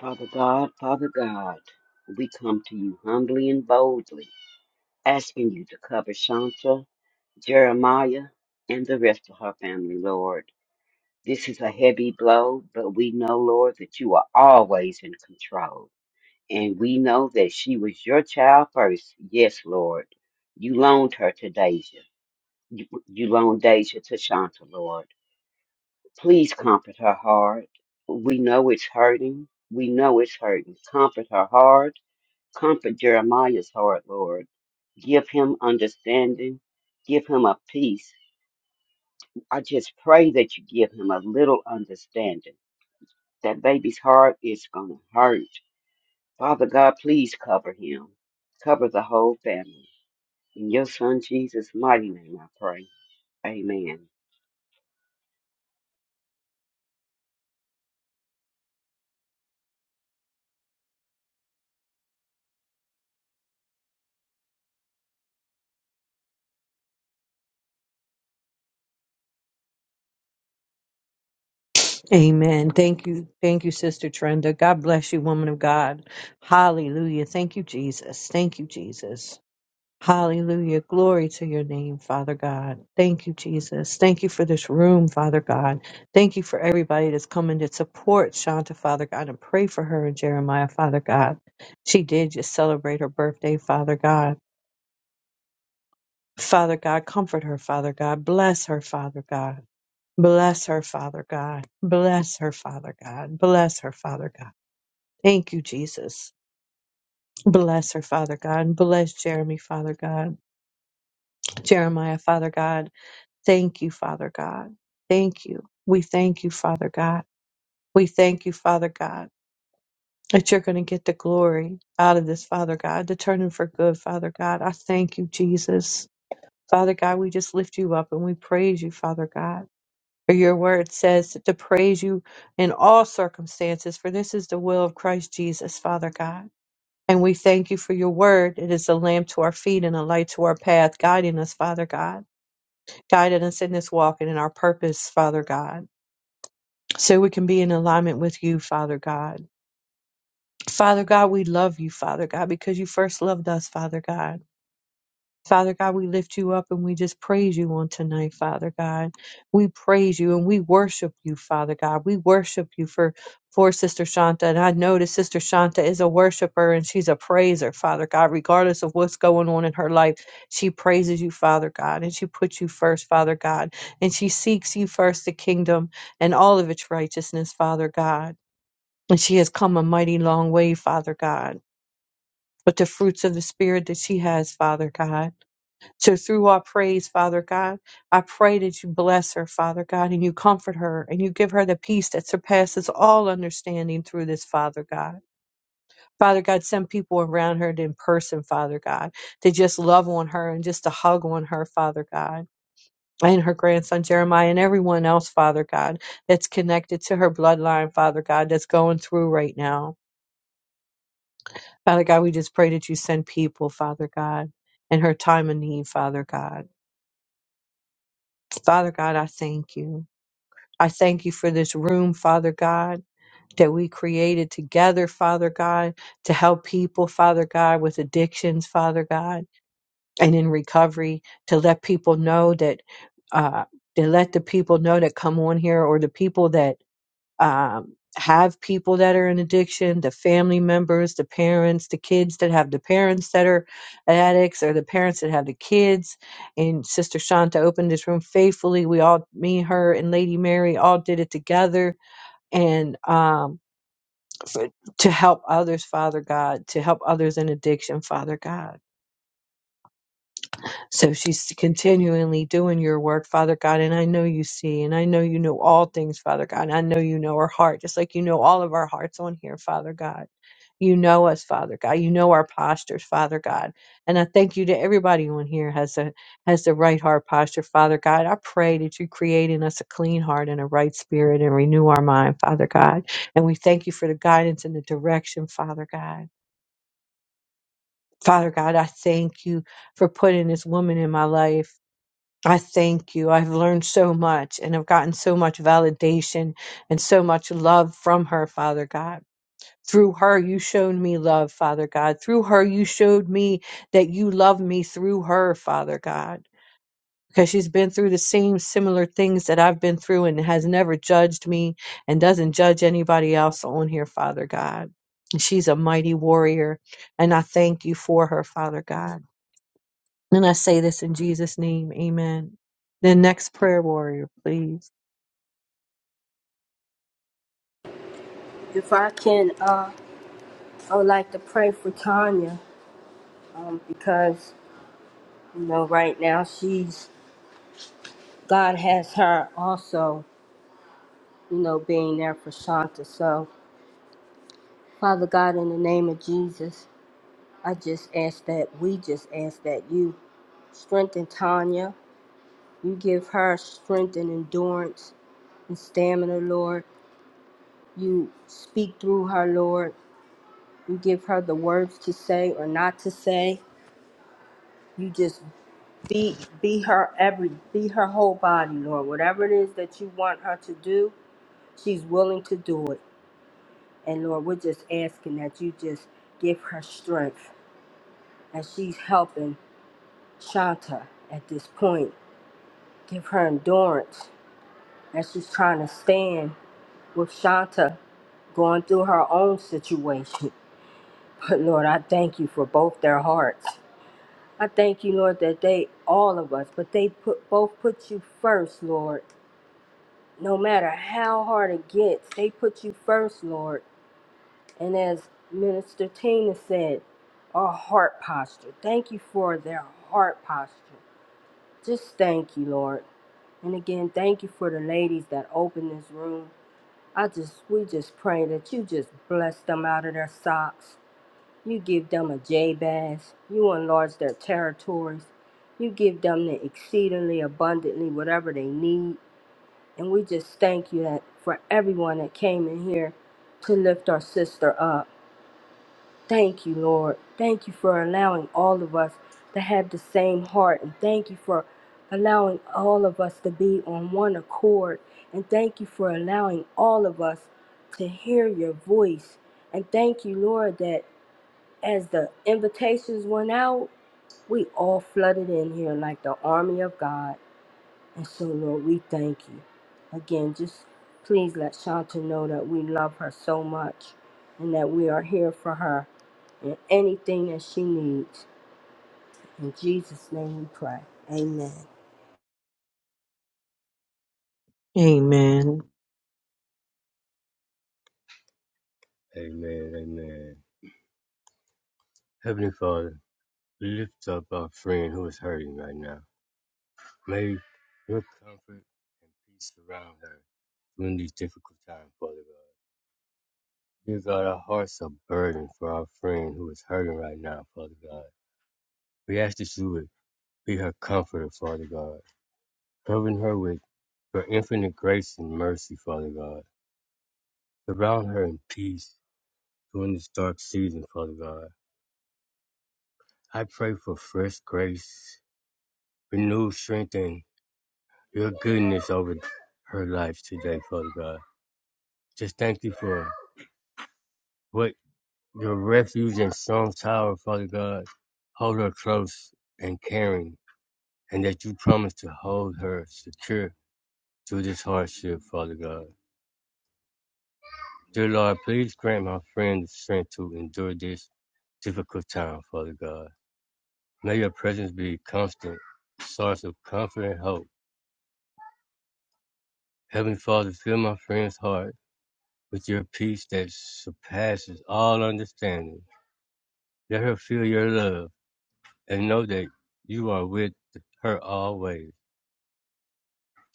S2: Father God, Father God, we come to you humbly and boldly, asking you to cover Shanta, Jeremiah, and the rest of her family, Lord. This is a heavy blow, but we know, Lord, that you are always in control. And we know that she was your child first. Yes, Lord. You loaned her to Deja. You, you loaned Deja to Shanta, Lord. Please comfort her heart. We know it's hurting. We know it's hurting. Comfort her heart. Comfort Jeremiah's heart, Lord. Give him understanding. Give him a peace. I just pray that you give him a little understanding That baby's heart is going to hurt. Father God, please cover him. Cover the whole family. In your son Jesus' mighty name, I pray. Amen.
S1: Amen. Thank you. Thank you, Sister Trenda. God bless you, woman of God. Hallelujah. Thank you, Jesus. Thank you, Jesus. Hallelujah. Glory to your name, Father God. Thank you, Jesus. Thank you for this room, Father God. Thank you for everybody that's coming to support Shanta, Father God, and pray for her and Jeremiah, Father God. She did just celebrate her birthday, Father God. Father God, comfort her, Father God. Bless her, Father God. Bless her, Father God. Bless her, Father God. Bless her, Father God. Thank you, Jesus. Bless her, Father God. Bless Jeremy, Father God. Jeremiah, Father God. Thank you, Father God. Thank you. We thank you, Father God. We thank you, Father God, that you're going to get the glory out of this, Father God, to turn him for good, Father God. I thank you, Jesus. Father God, we just lift you up and we praise you, Father God. For your word says to praise you in all circumstances, for this is the will of Christ Jesus, Father God. And we thank you for your word. It is a lamp to our feet and a light to our path, guiding us, Father God, guiding us in this walk and in our purpose, Father God, so we can be in alignment with you, Father God. Father God, we love you, Father God, because you first loved us, Father God. Father God, we lift you up and we just praise you on tonight, Father God. We praise you and we worship you, Father God. We worship you for for Sister Shanta. And I know that Sister Shanta is a worshiper and she's a praiser, Father God, regardless of what's going on in her life. She praises you, Father God, and she puts you first, Father God. And she seeks you first, the kingdom and all of its righteousness, Father God. And she has come a mighty long way, Father God. But the fruits of the Spirit that she has, Father God. So through our praise, Father God, I pray that you bless her, Father God, and you comfort her and you give her the peace that surpasses all understanding through this, Father God. Father God, send people around her in person, Father God, to just love on her and just to hug on her, Father God. And her grandson Jeremiah and everyone else, Father God, that's connected to her bloodline, Father God, that's going through right now. Father God, we just pray that you send people, Father God, in her time of need, Father God. Father God, I thank you. I thank you for this room, Father God, that we created together, Father God, to help people, Father God, with addictions, Father God, and in recovery, to let people know that, uh, to let the people know that come on here or the people that um, have people that are in addiction, the family members, the parents, the kids that have the parents that are addicts, or the parents that have the kids. And Sister Shanta opened this room faithfully. We all, me, her, and Lady Mary, all did it together, and um, for, to help others, Father God, to help others in addiction, Father God. So she's continually doing your work, Father God. And I know you see, and I know you know all things, Father God. And I know you know her heart, just like you know all of our hearts on here, Father God. You know us, Father God. You know our postures, Father God. And I thank you that everybody on here has a has the right heart posture, Father God. I pray that you create in us a clean heart and a right spirit and renew our mind, Father God. And we thank you for the guidance and the direction, Father God. Father God, I thank you for putting this woman in my life. I thank you. I've learned so much and I've gotten so much validation and so much love from her, Father God. Through her, you showed me love, Father God. Through her, you showed me that you love me through her, Father God. Because she's been through the same similar things that I've been through and has never judged me and doesn't judge anybody else on here, Father God. She's a mighty warrior, and I thank you for her, Father God. And I say this in Jesus' name. Amen. The next prayer warrior, please.
S3: If I can, uh, I would like to pray for Tanya um, because, you know, right now she's, God has her also, you know, being there for Shanta. So, Father God, in the name of Jesus, I just ask that, we just ask that you strengthen Tanya. You give her strength and endurance and stamina, Lord. You speak through her, Lord. You give her the words to say or not to say. You just Be be her every be her whole body, Lord. Whatever it is that you want her to do, she's willing to do it. And Lord, we're just asking that you just give her strength as she's helping Shanta at this point. Give her endurance as she's trying to stand with Shanta going through her own situation. But Lord, I thank you for both their hearts. I thank you, Lord, that they all of us, but they put both put you first, Lord. No matter how hard it gets, they put you first, Lord. And as Minister Tina said, our heart posture. Thank you for their heart posture. Just thank you, Lord. And again, thank you for the ladies that opened this room. I just, we just pray that you just bless them out of their socks. You give them a J bass. You enlarge their territories. You give them the exceedingly abundantly whatever they need. And we just thank you that for everyone that came in here to lift our sister up. Thank you, Lord. Thank you for allowing all of us to have the same heart. And thank you for allowing all of us to be on one accord. And thank you for allowing all of us to hear your voice. And thank you, Lord, that as the invitations went out, we all flooded in here like the army of God. And so, Lord, we thank you. Again, just please let Shanta know that we love her so much and that we are here for her in anything that she needs. In Jesus' name we pray. Amen.
S1: Amen.
S11: Amen. Amen. Heavenly Father, we lift up our friend who is hurting right now. May your comfort and peace surround her during these difficult times, Father God. Dear God, our hearts are burdened for our friend who is hurting right now, Father God. We ask that you would be her comforter, Father God, covering her with your infinite grace and mercy, Father God. Surround her in peace during this dark season, Father God. I pray for fresh grace, renewed strength, and your goodness over her life today, Father God. Just thank you for what your refuge and strong tower, Father God. Hold her close and caring, and that you promise to hold her secure through this hardship, Father God. Dear Lord, please grant my friend the strength to endure this difficult time, Father God. May your presence be a constant source of comfort and hope. Heavenly Father, fill my friend's heart with your peace that surpasses all understanding. Let her feel your love and know that you are with her always.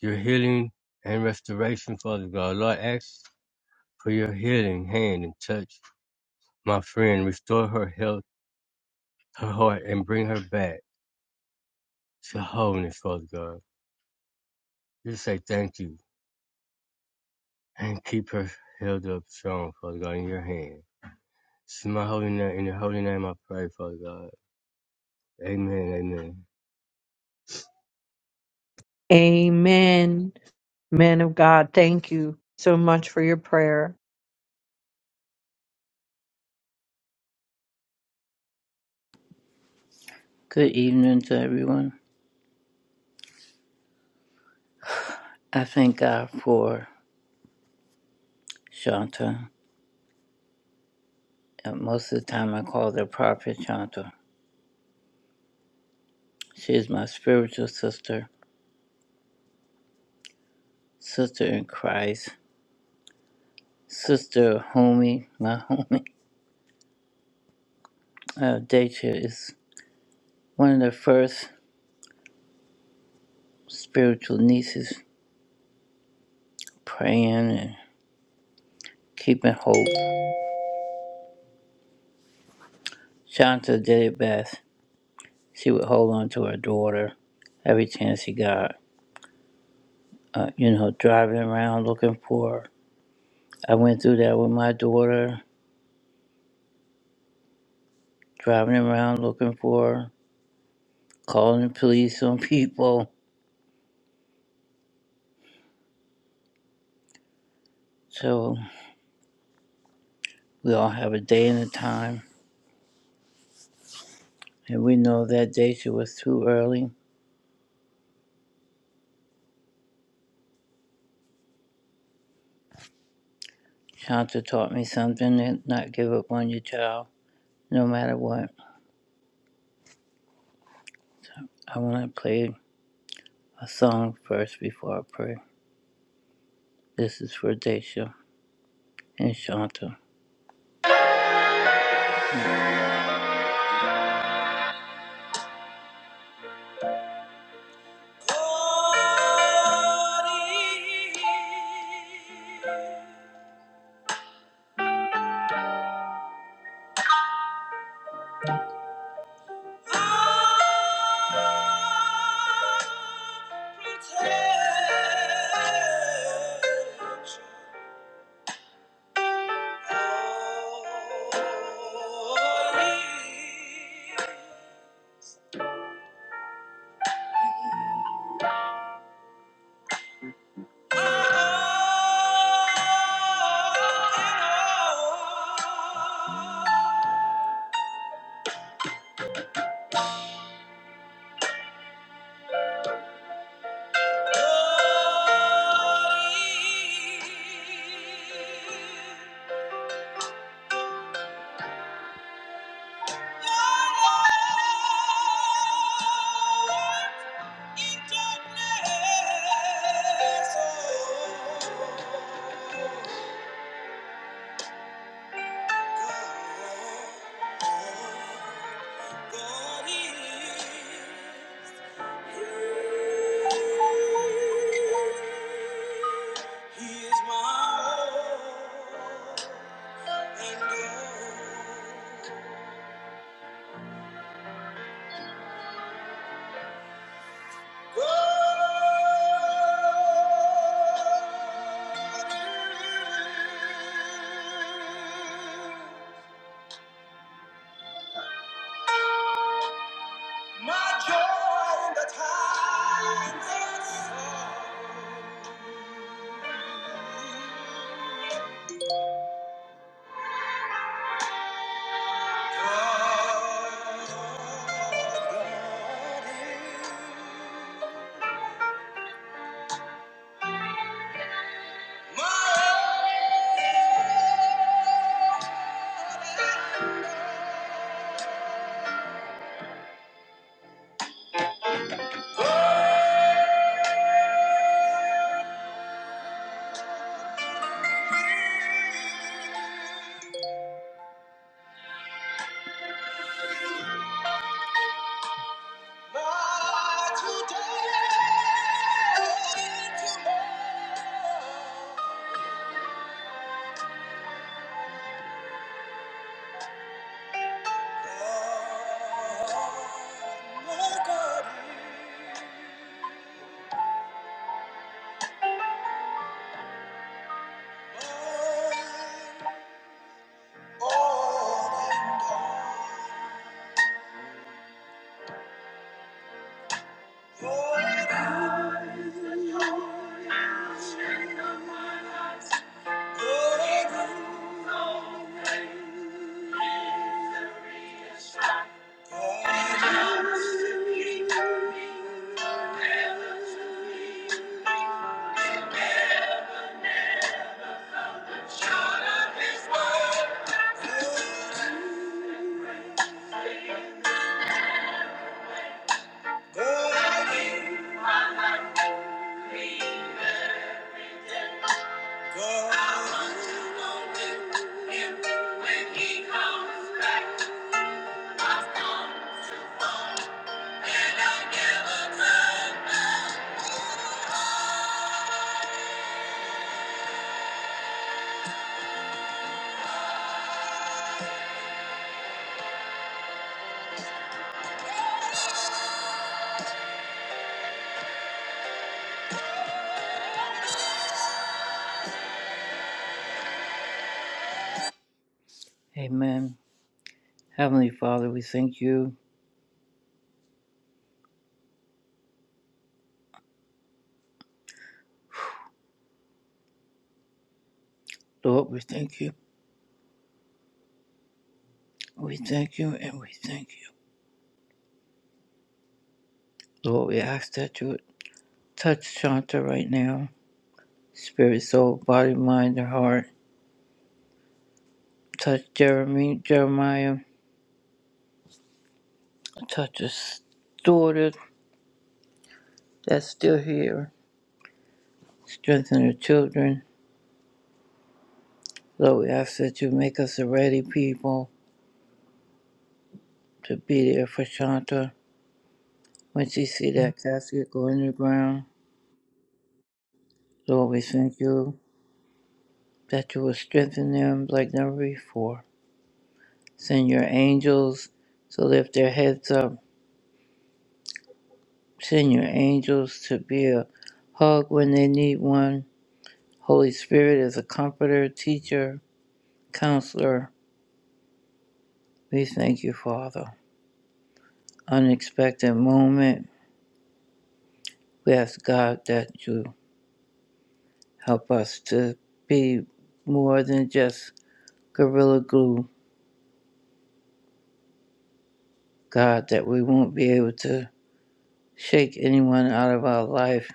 S11: Your healing and restoration, Father God. Lord, ask for your healing hand and touch my friend. Restore her health, her heart, and bring her back to wholeness, Father God. Just say thank you and keep her held up strong, Father God, in your hand. It's in my holy name, in your holy name I pray, Father God. Amen, amen.
S1: Amen. Man of God, thank you so much for your prayer.
S12: Good evening to everyone. I thank God for Shanta. And most of the time, I call her Prophet Shanta. She is my spiritual sister, sister in Christ, sister homie. My homie, uh, Dacia, is one of the first spiritual nieces praying and keeping hope. Shanta did it best. She would hold on to her daughter every chance she got. Uh, you know, driving around looking for her. I went through that with my daughter driving around looking for, calling the police on people. So we all have a day and a time. And we know that day was too early. Shanta taught me something that not give up on your child, no matter what. I want to play a song first before I pray. This is for Daisha and Shanta. Thank you. He is my all and all. My joy in the times of sorrow. God is my my today and tomorrow. Shut up. Good. Amen. Heavenly Father, we thank you. Lord, we thank you. We thank you and we thank you. Lord, we ask that you would touch Shanta right now. Spirit, soul, body, mind, and heart. Touch Jeremy, Jeremiah. Touch his daughter that's still here. Strengthen her children. Lord, we ask that you make us a ready people to be there for Shanta when she see that casket go in the ground. Lord, we thank you that you will strengthen them like never before. Send your angels to lift their heads up. Send your angels to be a hug when they need one. Holy Spirit is a comforter, teacher, counselor. We thank you, Father. Unexpected moment. We ask God that you Help us to be more than just gorilla glue, God, that we won't be able to shake anyone out of our life.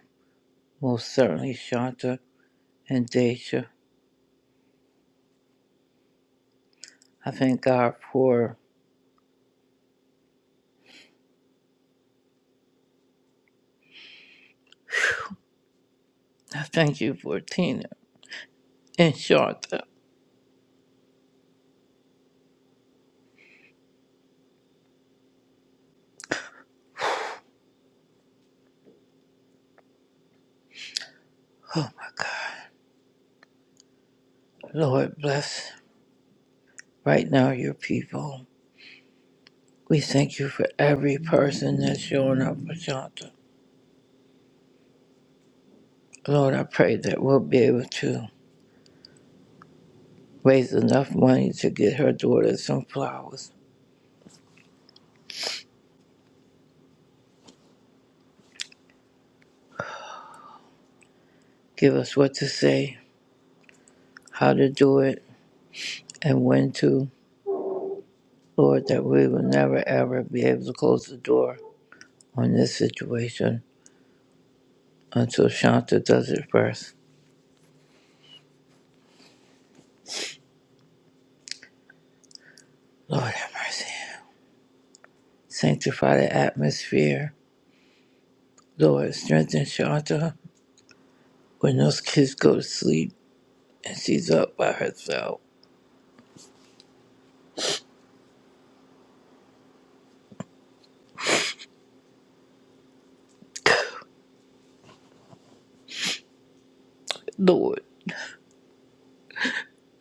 S12: Most certainly Shanta and Daisha. I thank God for, I thank you for Tina and Shanta. Oh my God. Lord, bless right now your people. We thank you for every person that's showing up for Shanta. Lord, I pray that we'll be able to raise enough money to get her daughter some flowers Give us what to say, how to do it, and when to. Lord, that we will never ever be able to close the door on this situation until Shanta does it first. Lord have mercy. Sanctify the atmosphere. Lord, strengthen Shanta when those kids go to sleep and she's up by herself. Lord,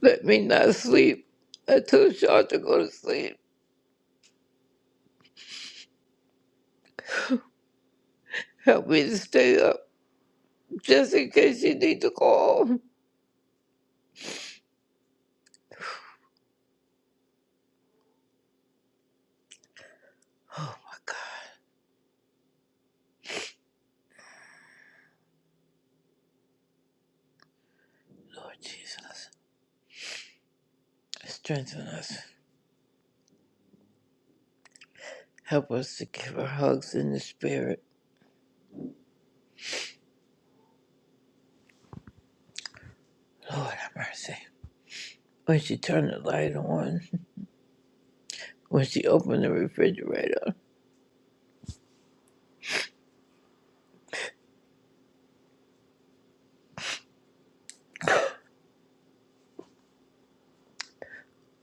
S12: let me not sleep until Shanta go to sleep. Help me to stay up just in case you need to call. Oh my God, Lord Jesus. Strengthen us. Help us to give her hugs in the spirit. Lord have mercy. When she turned the light on, when she opened the refrigerator,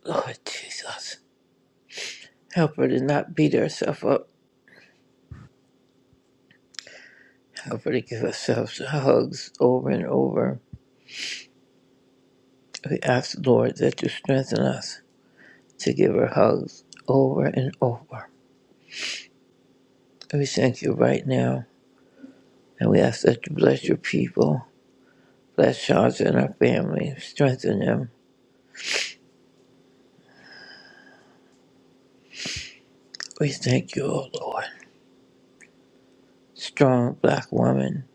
S12: Lord Jesus. Help her to not beat herself up. Help her to give herself hugs over and over. We ask, Lord, that you strengthen us to give her hugs over and over. we thank you right now. And we ask that you bless your people, bless Shaza and our family, strengthen them. We thank you, O Lord. strong black woman,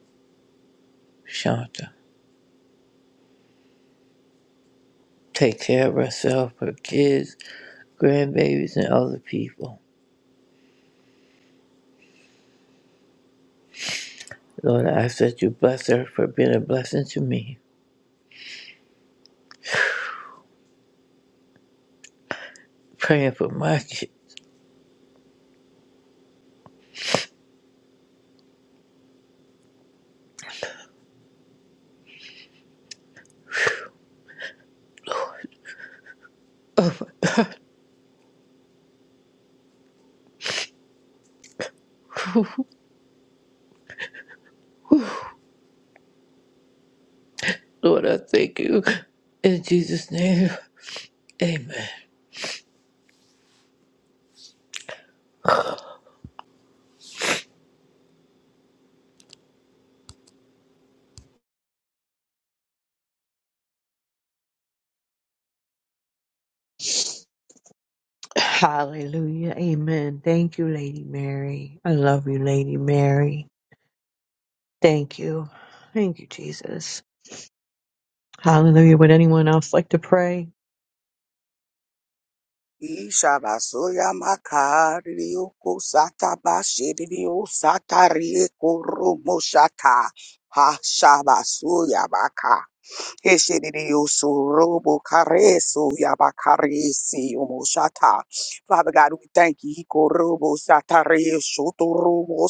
S12: Shanta. Take care of herself, her kids, grandbabies, and other people. Lord, I ask that you bless her for being a blessing to me. Praying for my kids. Lord, I thank you. In Jesus' name, amen.
S1: Hallelujah. Amen. Thank you, Lady Mary. I love you, Lady Mary. Thank you. Thank you, Jesus. Hallelujah. Would anyone else like to pray?
S13: Ishabasoya makario kusata bashirio satari kurumo shata. Ha shabasoya baka. Heshedidiyoso robo kareso yabakaresi omoshata. Father God, we thank you. Hiko robo satare shoto robo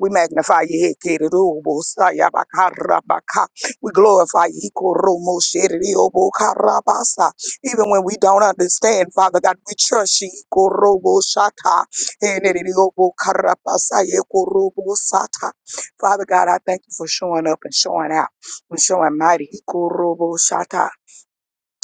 S13: We magnify you. Heke robo sa yabakarabaka. We glorify you. Hiko romo shediobo karabasa. Even when we don't understand, Father God, we trust you. Hiko robo shata. Henediobo karabasa. Heko robo sata. Father God, I thank you for showing up and showing out and showing mighty. Ikorobo shata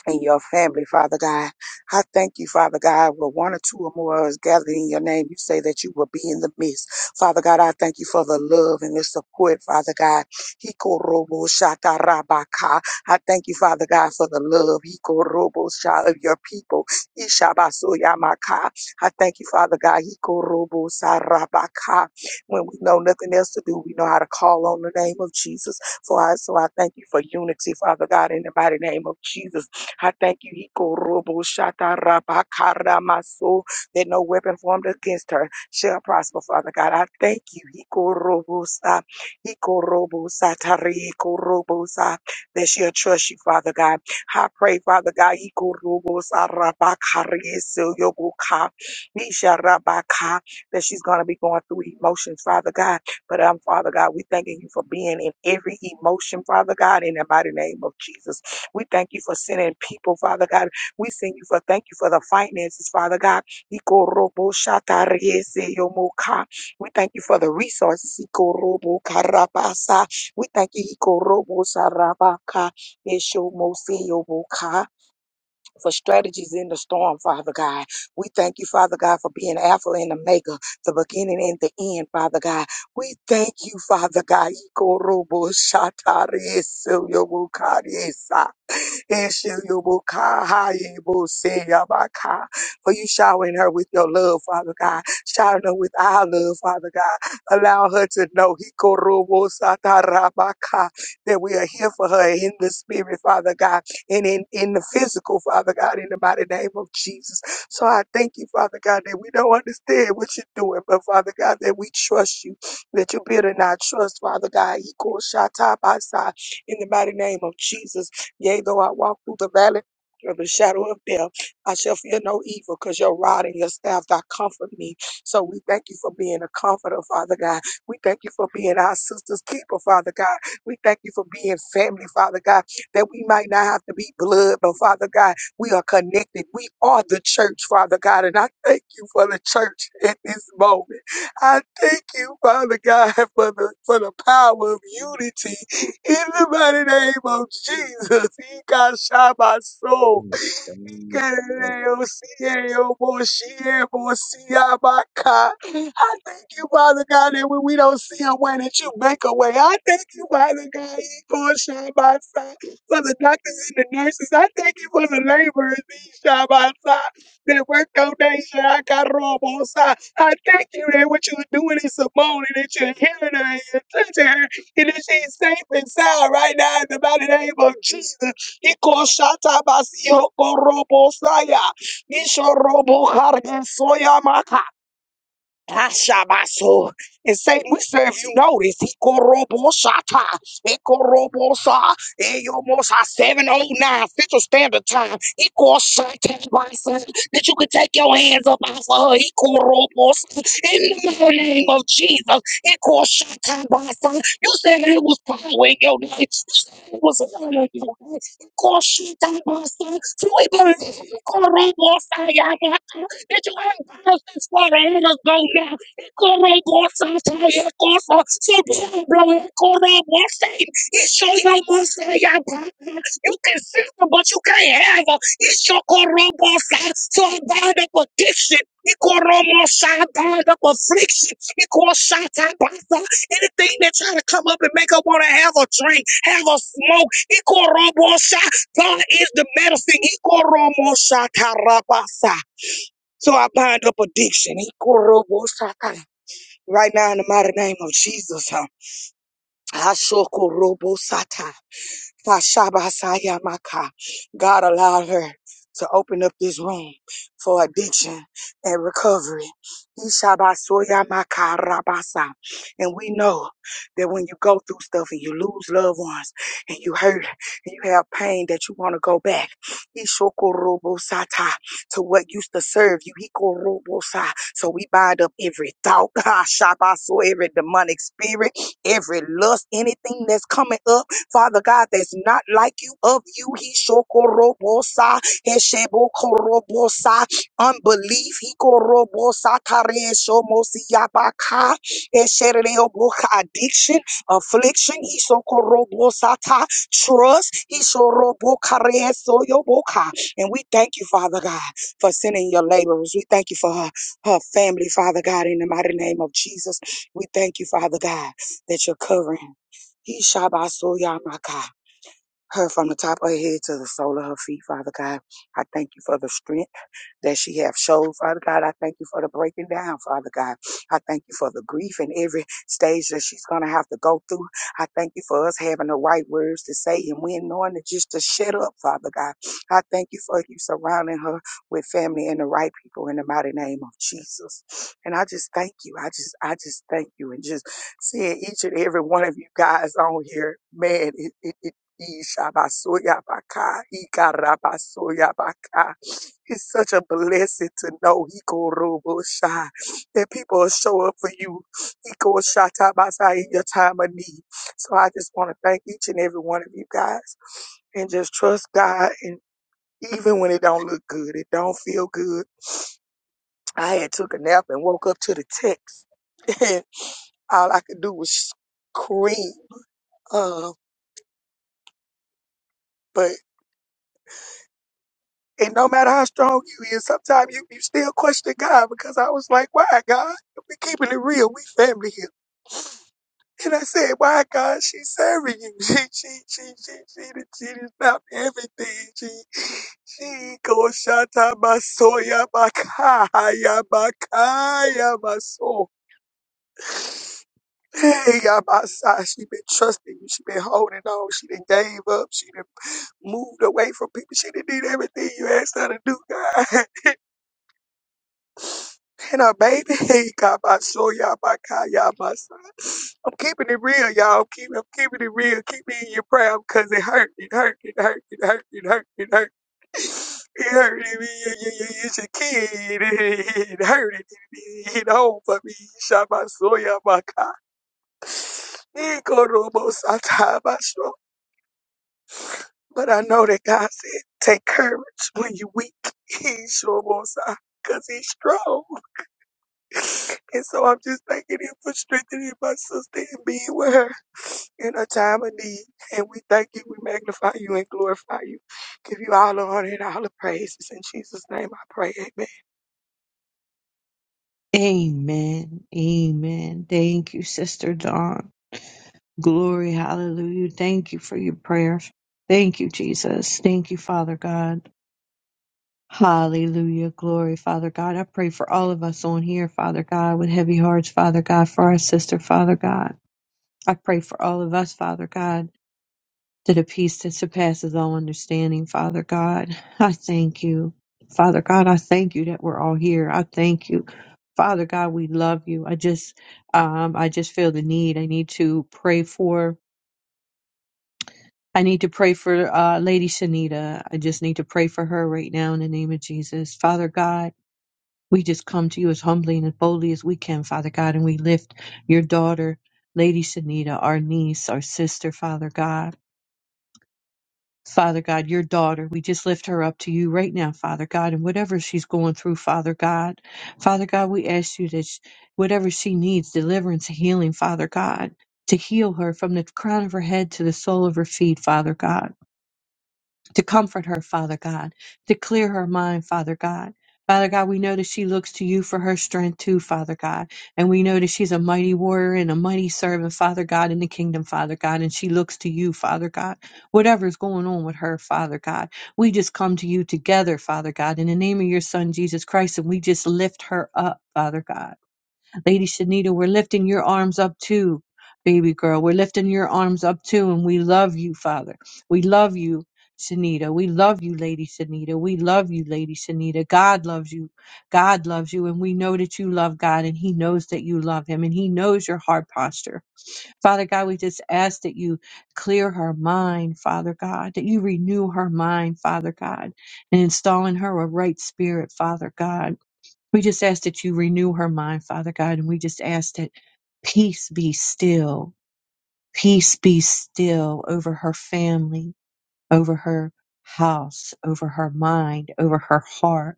S13: and your family, Father God. I thank you, Father God, where one or two or more is gathered in your name, you say that you will be in the midst. Father God, I thank you for the love and the support, Father God. Hikorobo Hikoroboshakarabaka. I thank you, Father God, for the love hikorobo hikorobosha of your people. Ishabasoyamaka. I thank you, Father God. hikorobo sarabaka. When we know nothing else to do, we know how to call on the name of Jesus for us. So I thank you for unity, Father God, in the mighty name of Jesus. I thank you, Iko Robo Shata Rabakara Maso, that no weapon formed against her shall prosper, Father God. I thank you, Iko Robo Sa, Iko Robo Satari, Iko Robo Sa, that she'll trust you, Father God. I pray, Father God, Iko Robo Sa Rabakari Eso Yoguka, Misha Rabaka, that she's going to be going through emotions, Father God. But um, Father God, we thanking you for being in every emotion, Father God, in the mighty name of Jesus. We thank you for sending people, Father God. We send you for thank you for the finances, Father God. Ikoroboshatariesiyomoka. We thank you for the resources. Ikorobokarabasa. We thank you Ikorobosarabaka. Eshomosiyomoka, for strategies in the storm, Father God. We thank you, Father God, for being Alpha and Omega, the beginning and the end, Father God. We thank you, Father God. Ikoroboshatariesiyomoka. Eshe-yobo-ka-ha-ye-bo-se-yabaka. For you showering her with your love, Father God. Showering her with our love, Father God. Allow her to know Hikorobo-satarabaka, that we are here for her in the spirit, Father God, and in, in the physical, Father God, in the mighty name of Jesus. So I thank you, Father God, that we don't understand what you're doing, but Father God, that we trust you, that you build in our trust, Father God. He called Shatabasa in the mighty name of Jesus. Yea, though I walk through the valley of the shadow of death, I shall fear no evil because your rod and your staff thy comfort me. So we thank you for being a comforter, Father God. We thank you for being our sister's keeper, Father God. We thank you for being family, Father God, that we might not have to be blood, but Father God, we are connected. We are the church, Father God, and I thank you for the church at this moment. I thank you, Father God, for the for the power of unity in the mighty name of Jesus. He got shot my soul. I
S11: Thank you.
S13: thank you, Father God, that when we don't see a way, that you make a way. I thank you, Father God, for shine by side, for the doctors and the nurses. I thank you for the laborers, these shine by side, that work donation. I got robo side. I thank you that what you're doing is Simone, and that you're healing her and you're touching her, and that she's safe and sound right now in the mighty name of Jesus. Iko shata Ikoshata basio korobosaya. Nishorobo maka. Ashabaso. And Satan, we serve you notice. He korobosata. He korobosa. Eyomosa 709 Central Standard Time. He korosata basa. That you can take your hands up off of her. He korobosa. In the mighty name of Jesus. He korosata basa. You said it was power in your life. You said it was honor in your life. He korosata basa. So we believe. He korobosa. Get your ass out this water. It is go now. It go right go outside. It go for so damn bro. It go right one thing. It monster You can fix her, but you can't have her. It show go right one So I bind up addiction. It go right I bind up affliction. It go shot out Anything that try to come up and make her want to have a drink, have a smoke. It go right one God is the medicine. It go right one so I bind up addiction. Ikorobosata. Right now, in the mighty name of Jesus. huh. Ashokorobosata. Hashabasaya Maka. God allowed her to open up this room for addiction and recovery. Ishabasoya Maka Rabasa. And we know that when you go through stuff and you lose loved ones and you hurt and you have pain that you want to go back Ishokorobosata, to what used to serve you. Hikorobosa. So we bind up every thought, Hashabaso, every demonic spirit, every lust, anything that's coming up. Father God, that's not like you of you. He shokorobosa, heshebokorobosa, unbelief. He korobosa, tareeshomosiyabaka, eshereoboka, addiction, affliction. He shokorobosa, ta, trust. He shorobokareesoyoboka. And we thank you, Father God, for sending your laborers. We thank you for her, her family, Father God, in the mighty name of Jesus. We thank you, Father God, that you're covering. He Her from the top of her head to the sole of her feet, Father God. I thank you for the strength that she have showed, Father God. I thank you for the breaking down, Father God. I thank you for the grief and every stage that she's going to have to go through. I thank you for us having the right words to say and when knowing that just to shut up, Father God. I thank you for you surrounding her with family and the right people in the mighty name of Jesus. And I just thank you. I just, I just thank you. And just seeing each and every one of you guys on here, man, it, it, it, Ishabasoyabaka, Ikarabasoyabaka. It's such a blessing to know Hiko Robo Shai that people will show up for you. Hiko Shata side in your time of need. So I just want to thank each and every one of you guys and just trust God and even when it don't look good, it don't feel good. I had took a nap and woke up to the text and all I could do was scream. Uh, but And no matter how strong you is, sometimes you, you still question God because I was like, why God? We keeping it real. We family here. And I said, why God? She's serving you. She, she, she, she, she, she, she is not everything. She, she, go shata masoya bakaya bakaya maso. Hey, Yabasa, she been trusting you. She been holding on. She done gave up. She done moved away from people. She done did everything you asked her to do, God. And our baby, Hey, God, my soul, y'all, my God, y'all, my son. I'm keeping it real, y'all. I'm, keep, I'm keeping it real. Keep me in your prayer because it hurt. It hurt. It hurt. It hurt. It hurt. It hurt. It hurt. It, it, it, it, it, it's your kid. It, it, it hurt. It, it, it hit home for me. You shot my soul, y'all, my God. It go to almost I tired my soul. But I know that God said, take courage when you weak. He's sure most because he's strong. And so I'm just thanking him for strengthening my sister and being with her in a time of need. And we thank you, we magnify you, and glorify you. Give you all the honor and all the praises. In Jesus' name I pray. Amen.
S1: Amen. Amen. Thank you, Sister Dawn. Glory, hallelujah. Thank you for your prayer. Thank you, Jesus. Thank you, Father God. Hallelujah. Glory, Father God. I pray for all of us on here, Father God, with heavy hearts, Father God, for our sister, Father God. I pray for all of us, Father God, to the peace that surpasses all understanding, Father God. I thank you. Father God, I thank you that we're all here. I thank you. Father God, we love you. I just um I just feel the need. I need to pray for I need to pray for uh, Lady Shanita. I just need to pray for her right now in the name of Jesus. Father God, we just come to you as humbly and as boldly as we can, Father God, and we lift your daughter, Lady Shanita, our niece, our sister, Father God. Father God, your daughter, we just lift her up to you right now, Father God, and whatever she's going through, Father God. Father God, we ask you that sh- whatever she needs, deliverance, healing, Father God, to heal her from the crown of her head to the sole of her feet, Father God. to comfort her, Father God, to clear her mind, Father God. Father God, we know that she looks to you for her strength too, Father God. And we know that she's a mighty warrior and a mighty servant, Father God, in the kingdom, Father God. And she looks to you, Father God. Whatever's going on with her, Father God, we just come to you together, Father God, in the name of your Son, Jesus Christ, and we just lift her up, Father God. Lady Shanita, we're lifting your arms up too, baby girl. We're lifting your arms up too, and we love you, Father. We love you, Shanita. We love you, Lady Shanita. We love you, Lady Shanita. God loves you. God loves you, and we know that you love God, and He knows that you love Him, and He knows your heart posture. Father God, we just ask that you clear her mind, Father God, that you renew her mind, Father God, and install in her a right spirit, Father God. We just ask that you renew her mind, Father God, and we just ask that peace be still, peace be still over her family, over her house, over her mind, over her heart,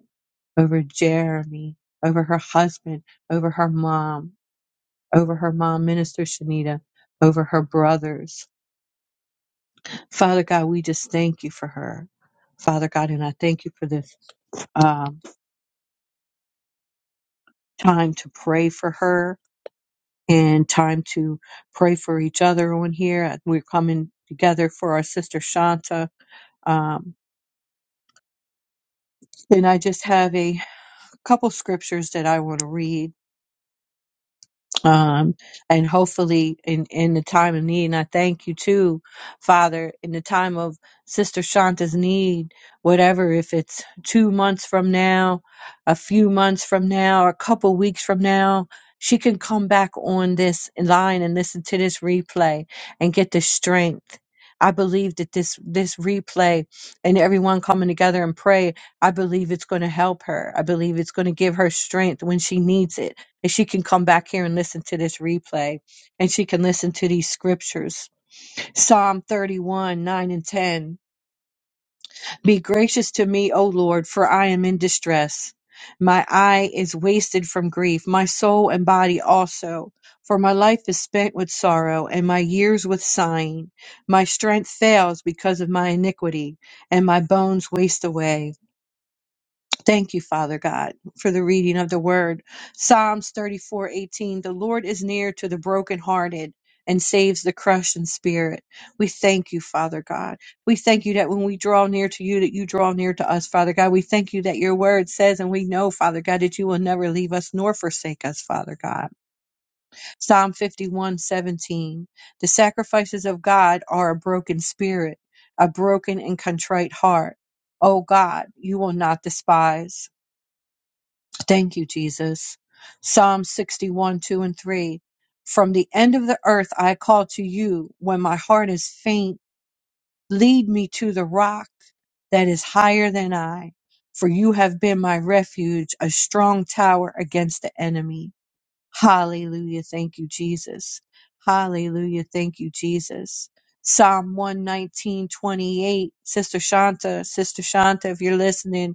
S1: over Jeremy, over her husband, over her mom, over her mom, Minister Shanita, over her brothers. Father God, we just thank you for her. Father God, and I thank you for this um, time to pray for her and time to pray for each other on here. We're coming together for our sister Shanta. Um, and I just have a couple scriptures that I want to read. um, and hopefully in, in the time of need. And I thank you too, Father, in the time of Sister Shanta's need, whatever, if it's two months from now, a few months from now, a couple weeks from now, she can come back on this line and listen to this replay and get the strength. I believe that this this replay and everyone coming together and pray, I believe it's going to help her. I believe it's going to give her strength when she needs it and she can come back here and listen to this replay and she can listen to these scriptures. Psalm 31, 9 and 10. Be gracious to me, O Lord, for I am in distress. My eye is wasted from grief, my soul and body also. For my life is spent with sorrow, and my years with sighing. My strength fails because of my iniquity, and my bones waste away. Thank you, Father God, for the reading of the word. Psalms 34:18. The Lord is near to the brokenhearted and saves the crushed in spirit. We thank you, Father God. We thank you that when we draw near to you, that you draw near to us, Father God. We thank you that your word says, and we know, Father God, that you will never leave us nor forsake us, Father God. Psalm 51:17. The sacrifices of God are a broken spirit, a broken and contrite heart. O God, you will not despise. Thank you, Jesus. Psalm 61, 2 and 3. From the end of the earth I call to you when my heart is faint. Lead me to the rock that is higher than I, for you have been my refuge, a strong tower against the enemy. Hallelujah. Thank you, Jesus. Hallelujah. Thank you, Jesus. Psalm 119, 28. Sister Shanta, Sister Shanta, if you're listening,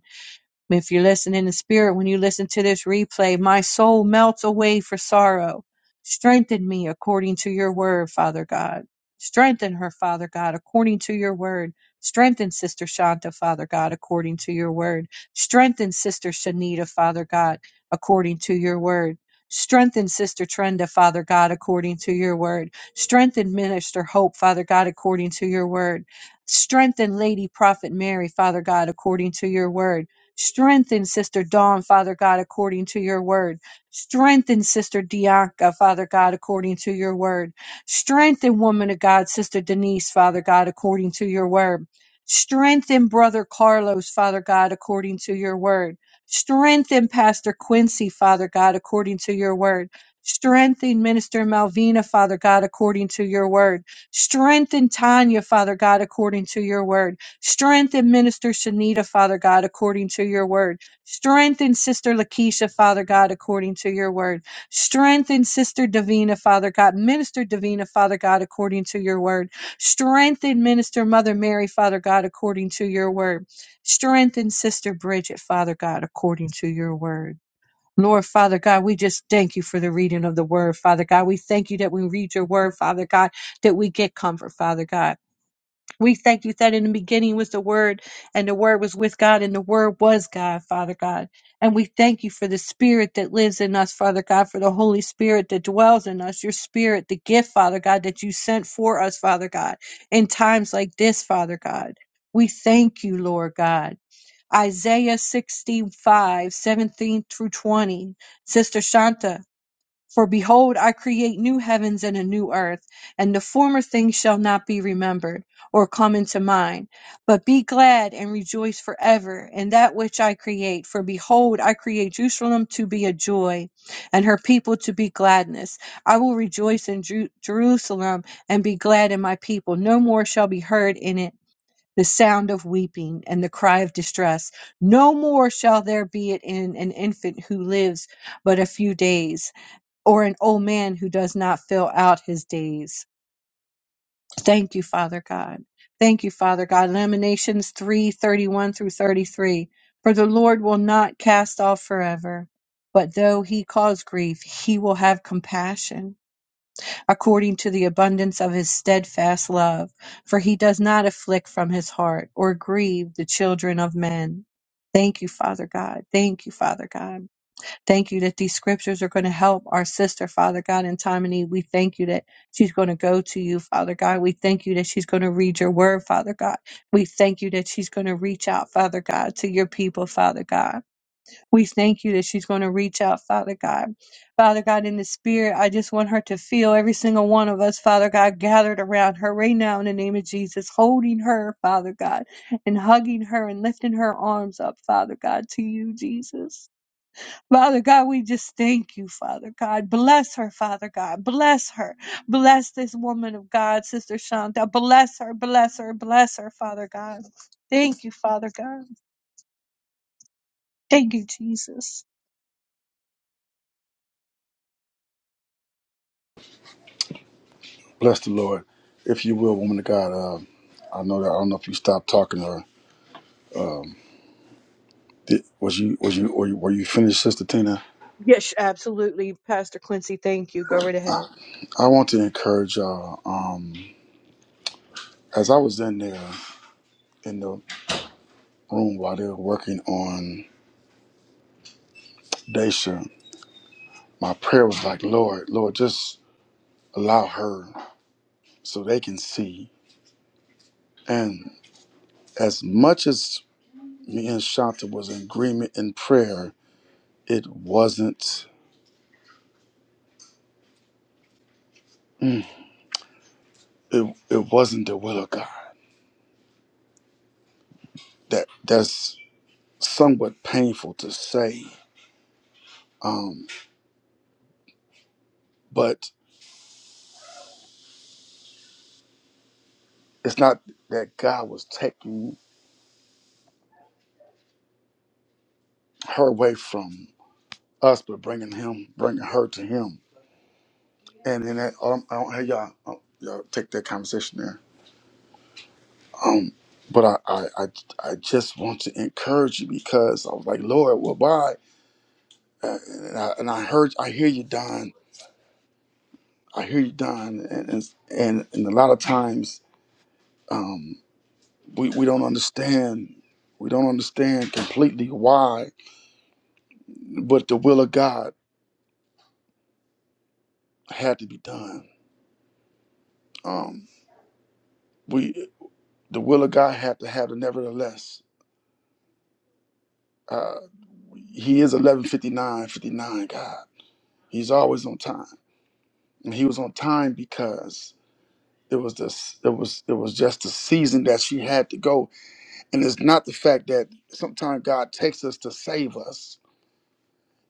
S1: if you listen in the spirit, when you listen to this replay, my soul melts away for sorrow. Strengthen me according to your word, Father God. Strengthen her, Father God, according to your word. Strengthen Sister Shanta, Father God, according to your word. Strengthen Sister Shanita, Father God, according to your word. Strengthen Sister Trenda, Father God, according to your word. Strengthen Minister Hope, Father God, according to your word. Strengthen Lady Prophet Mary, Father God, according to your word Strengthen Sister Dawn, Father God, according to your word. Strengthen Sister Dianca, Father God, according to your word. Strengthen woman of God, Sister Denise, Father God, according to your word. Strengthen Brother Carlos, Father God, according to your word. Strengthen Pastor Quincy, Father God, according to your word. Strengthen Minister Malvina, Father God, according to your word. Strengthen Tanya, Father God, according to your word. Strengthen Minister Shanita, Father God, according to your word. Strengthen Sister Lakeisha, Father God, according to your word. Strengthen Sister Davina, Father God. Minister Davina, Father God, according to your word. Strengthen Minister Mother Mary, Father God, according to your word. Strengthen Sister Bridget, Father God, according to your word. Lord, Father God, we just thank you for the reading of the word, Father God. We thank you that we read your word, Father God, that we get comfort, Father God. We thank you that in the beginning was the Word, and the Word was with God, and the Word was God, Father God. And we thank you for the Spirit that lives in us, Father God, for the Holy Spirit that dwells in us, your Spirit, the gift, Father God, that you sent for us, Father God, in times like this, Father God. We thank you, Lord God. Isaiah 65, 17 through 20. Sister Shanta, for behold, I create new heavens and a new earth, and the former things shall not be remembered, or come into mind. But be glad and rejoice forever in that which I create. For behold, I create Jerusalem to be a joy, and her people to be gladness. I will rejoice in Jeru- Jerusalem and be glad in my people. No more shall be heard in it the sound of weeping and the cry of distress. No more shall there be it in an infant who lives but a few days or an old man who does not fill out his days. Thank you, Father God. Thank you, Father God. Lamentations three thirty-one through 33. For the Lord will not cast off forever, but though he cause grief, he will have compassion according to the abundance of his steadfast love. For he does not afflict from his heart or grieve the children of men. Thank you, Father God. Thank you, Father God. Thank you that these scriptures are going to help our sister, Father God, in time of need. We thank you that she's going to go to you, Father God. We thank you that she's going to read your word, Father God. We thank you that she's going to reach out, Father God, to your people, Father God. We thank you that she's going to reach out, Father God. Father God, in the spirit, I just want her to feel every single one of us, Father God, gathered around her right now in the name of Jesus, holding her, Father God, and hugging her and lifting her arms up, Father God, to you, Jesus. Father God, we just thank you, Father God. Bless her, Father God. Bless her. Bless this woman of God, Sister Shanta. Bless her, bless her, bless her, Father God. Thank you, Father God. Thank you, Jesus.
S6: Bless the Lord. If you will, woman of God, uh, I know that I don't know if you stopped talking or did, was you was you or you, were you finished, Sister Tina?
S1: Yes, absolutely. Pastor Quincy, thank you. Go right ahead.
S6: I want to encourage y'all. Um, as I was in there in the room while they were working on Daisha, my prayer was like, Lord, Lord, just allow her so they can see. And as much as me and Shanta was in agreement in prayer, it wasn't mm, it, it wasn't the will of God. That that's somewhat painful to say. Um, but it's not that God was taking her away from us, but bringing him, bringing her to Him. And in that, um, I don't, hey y'all, um, y'all take that conversation there Um, but I, I, I, I just want to encourage you because I was like, Lord, well, why? Uh, And I, and I heard, I hear you, Don. I hear you, Don. And and and, and a lot of times, um, we we don't understand. We don't understand completely why, but the will of God had to be done. Um, we the will of God had to have the nevertheless. Uh, he is eleven fifty nine fifty nine God. He's always on time, and he was on time because it was this it was it was just the season that she had to go and it's not the fact that sometimes god takes us to save us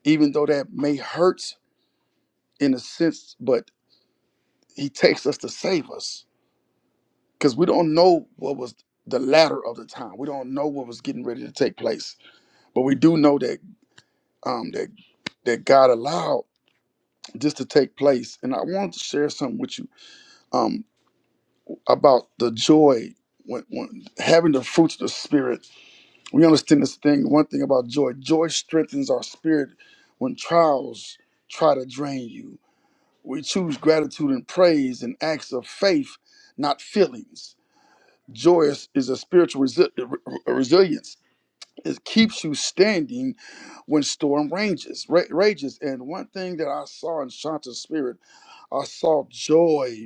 S6: even though that may hurt in a sense but he takes us to save us because we don't know what was the latter of the time we don't know what was getting ready to take place but we do know that um that that god allowed this to take place and i wanted to share something with you um about the joy when, when having the fruits of the spirit We understand this thing, one thing about joy. Joy strengthens our spirit when trials try to drain you. We choose gratitude and praise and acts of faith, not feelings. Joy is, is a spiritual resi- a resilience. It keeps you standing when storm ranges, ra- rages. And one thing that I saw in Shanta's spirit, I saw joy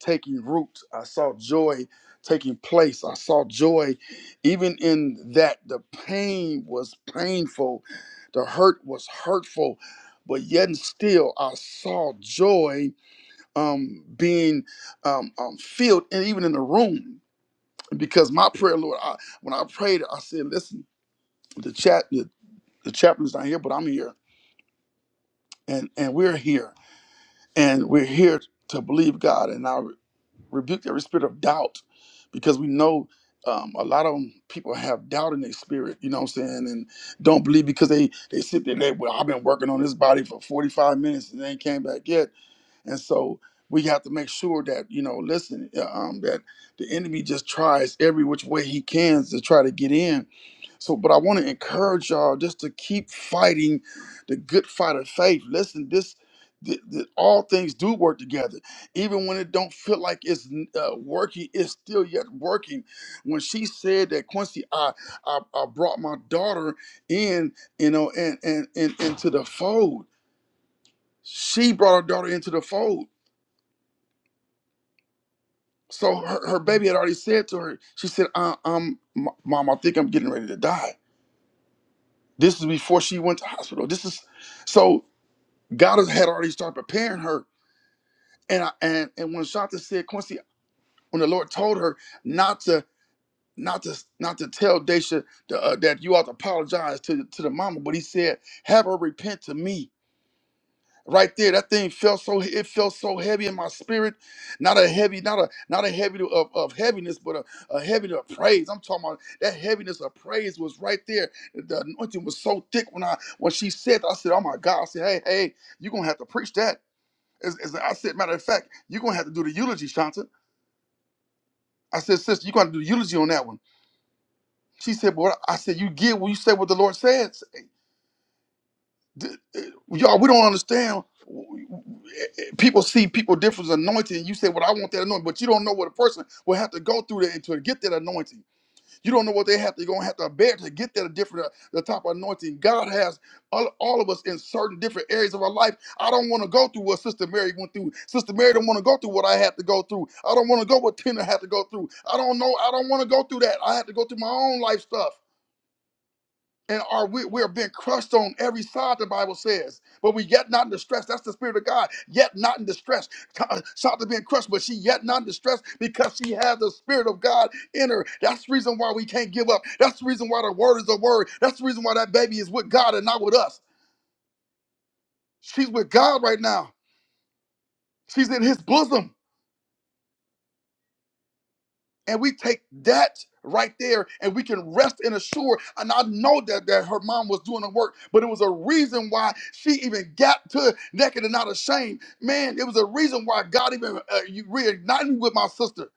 S6: taking root. I saw joy taking place. I saw joy even in that the pain was painful, the hurt was hurtful. But yet and still, I saw joy um, being um, um, filled, and even in the room, because my prayer, Lord, I, when I prayed, I said, "Listen, the chat, the, the chaplain's not here, but I'm here, and and we're here, and we're here to believe God." And I rebuke every spirit of doubt because we know um, a lot of 'em- people have doubt in their spirit, you know what I'm saying, and don't believe because they they sit there and they well, I've been working on this body for 45 minutes and they ain't came back yet and so we have to make sure that, you know, listen, uh, um, that the enemy just tries every which way he can to try to get in. So, but I want to encourage y'all just to keep fighting the good fight of faith. Listen, this. th- th- all things do work together even when it don't feel like it's uh, working it's still yet working when she said that quincy I, I i brought my daughter in you know and and and into the fold she brought her daughter into the fold So her, her baby had already said to her, she said, uh, um, m- Mom, I think I'm getting ready to die. This is before she went to hospital. This is so God has- had already started preparing her. And I, and and when Shanta said Quincy, when the Lord told her not to not to not to tell Daisha the, uh, that you ought to apologize to to the mama, but He said, have her repent to me right there that thing felt so it felt so heavy in my spirit not a heavy not a not a heavy of, of heaviness but a, a heaviness of praise i'm talking about that heaviness of praise was right there the anointing was so thick when i when she said that, i said oh my god i said hey hey you're gonna have to preach that as, as i said matter of fact you're gonna have to do the eulogy shanta i said sister you're gonna do the eulogy on that one she said well i I said you get what you say what the lord says Th- eh, Y'all, we don't understand. People see people different anointing. You say, "Well, I want that anointing," but you don't know what a person will have to go through to, to get that anointing. You don't know what they have to going to have to bear to get that different uh, the type of anointing God has all, all of us in certain different areas of our life. I don't want to go through what Sister Mary went through. Sister Mary don't want to go through what I had to go through. I don't want to go what Tina had to go through. I don't know. I don't want to go through that. I had to go through my own life stuff and are we we're being crushed on every side the bible says but we yet not in distress that's the spirit of god yet not in distress sought to being crushed but she yet not in distress because she has the spirit of god in her that's the reason why we can't give up that's the reason why the word is the word that's the reason why that baby is with god and not with us she's with god right now she's in his bosom And we take that right there and we can rest and assure. And I know that, that her mom was doing the work, but it was a reason why she even got to naked and not ashamed. Man, it was a reason why God even uh, you reignited me with my sister.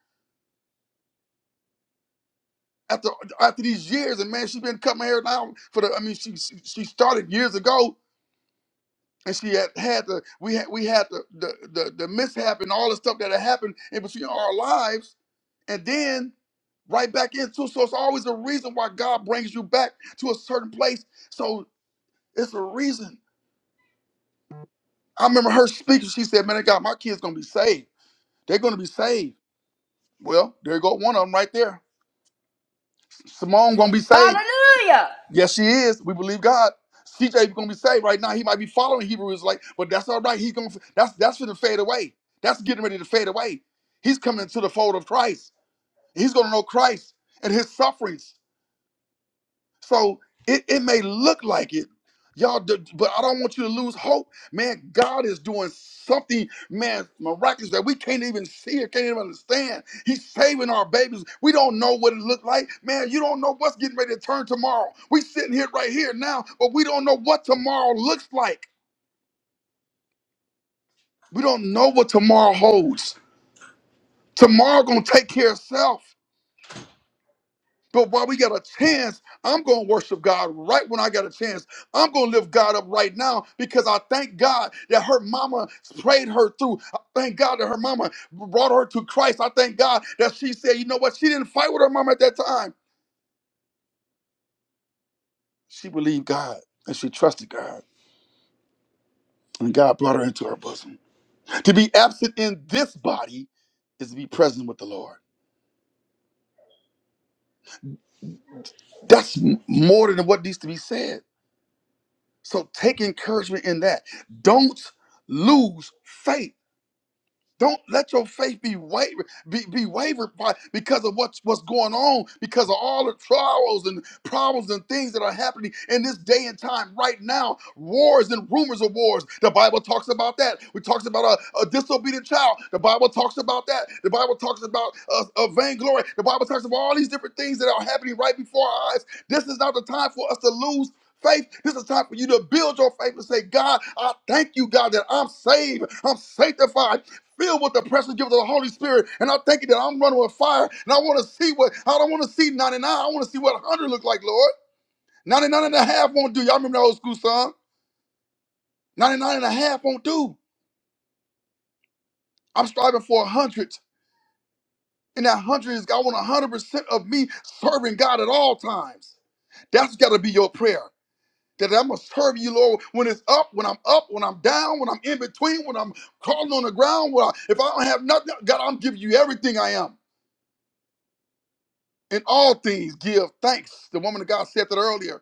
S6: After, after these years, and man, she's been cutting my hair now for the. I mean, she she, she started years ago, and she had had the we had we had the the, the the mishap and all the stuff that had happened in between our lives and then right back into. So it's always a reason why God brings you back to a certain place. So it's a reason. I remember her speaking. She said, "Man, God, my kids gonna be saved. They're gonna be saved." Well, there you go one of them right there. Simone gonna be saved. Yes, she is. We believe God. CJ gonna be saved right now. He might be following Hebrews like, but that's all right. He's gonna that's that's gonna fade away. That's getting ready to fade away. He's coming into the fold of Christ. He's gonna know Christ and his sufferings. So it, it may look like it, y'all, d- but I don't want you to lose hope. Man, God is doing something, man, miraculous that we can't even see or can't even understand. He's saving our babies. We don't know what it looked like. Man, you don't know what's getting ready to turn tomorrow. We sitting here right here now, but we don't know what tomorrow looks like. We don't know what tomorrow holds. Tomorrow gonna take care of itself. But while we got a chance, I'm going to worship God right when I got a chance. I'm going to lift God up right now because I thank God that her mama prayed her through. I thank God that her mama brought her to Christ. I thank God that she said, you know what? She didn't fight with her mama at that time. She believed God and she trusted God. And God brought her into her bosom. To be absent in this body is to be present with the Lord. That's m- more than what needs to be said. So take encouragement in that. Don't lose faith Don't let your faith be wavered, be, be wavered by because of what's what's going on, because of all the trials and problems and things that are happening in this day and time right now. Wars and rumors of wars. The Bible talks about that. We talks about a, a disobedient child. The Bible talks about that. The Bible talks about uh, a vainglory. The Bible talks about all these different things that are happening right before our eyes. This is not the time for us to lose faith. This is time for you to build your faith and say, God, I thank you, God, that I'm saved. I'm sanctified filled with the precious gift of the Holy Spirit. And I'm thinking that I'm running with fire and I want to see what, I don't want to see 99. I want to see what 100 look like, Lord. 99 and a half won't do. Y'all remember the old school song? 99 and a half won't do. I'm striving for 100. And that 100 is, I want 100% of me serving God at all times. That's got to be your prayer. That I'm going to serve you, Lord, when it's up, when I'm up, when I'm down, when I'm in between, when I'm crawling on the ground. When I, if I don't have nothing, God, I'm giving you everything I am. In all things, give thanks. The woman of God said that earlier.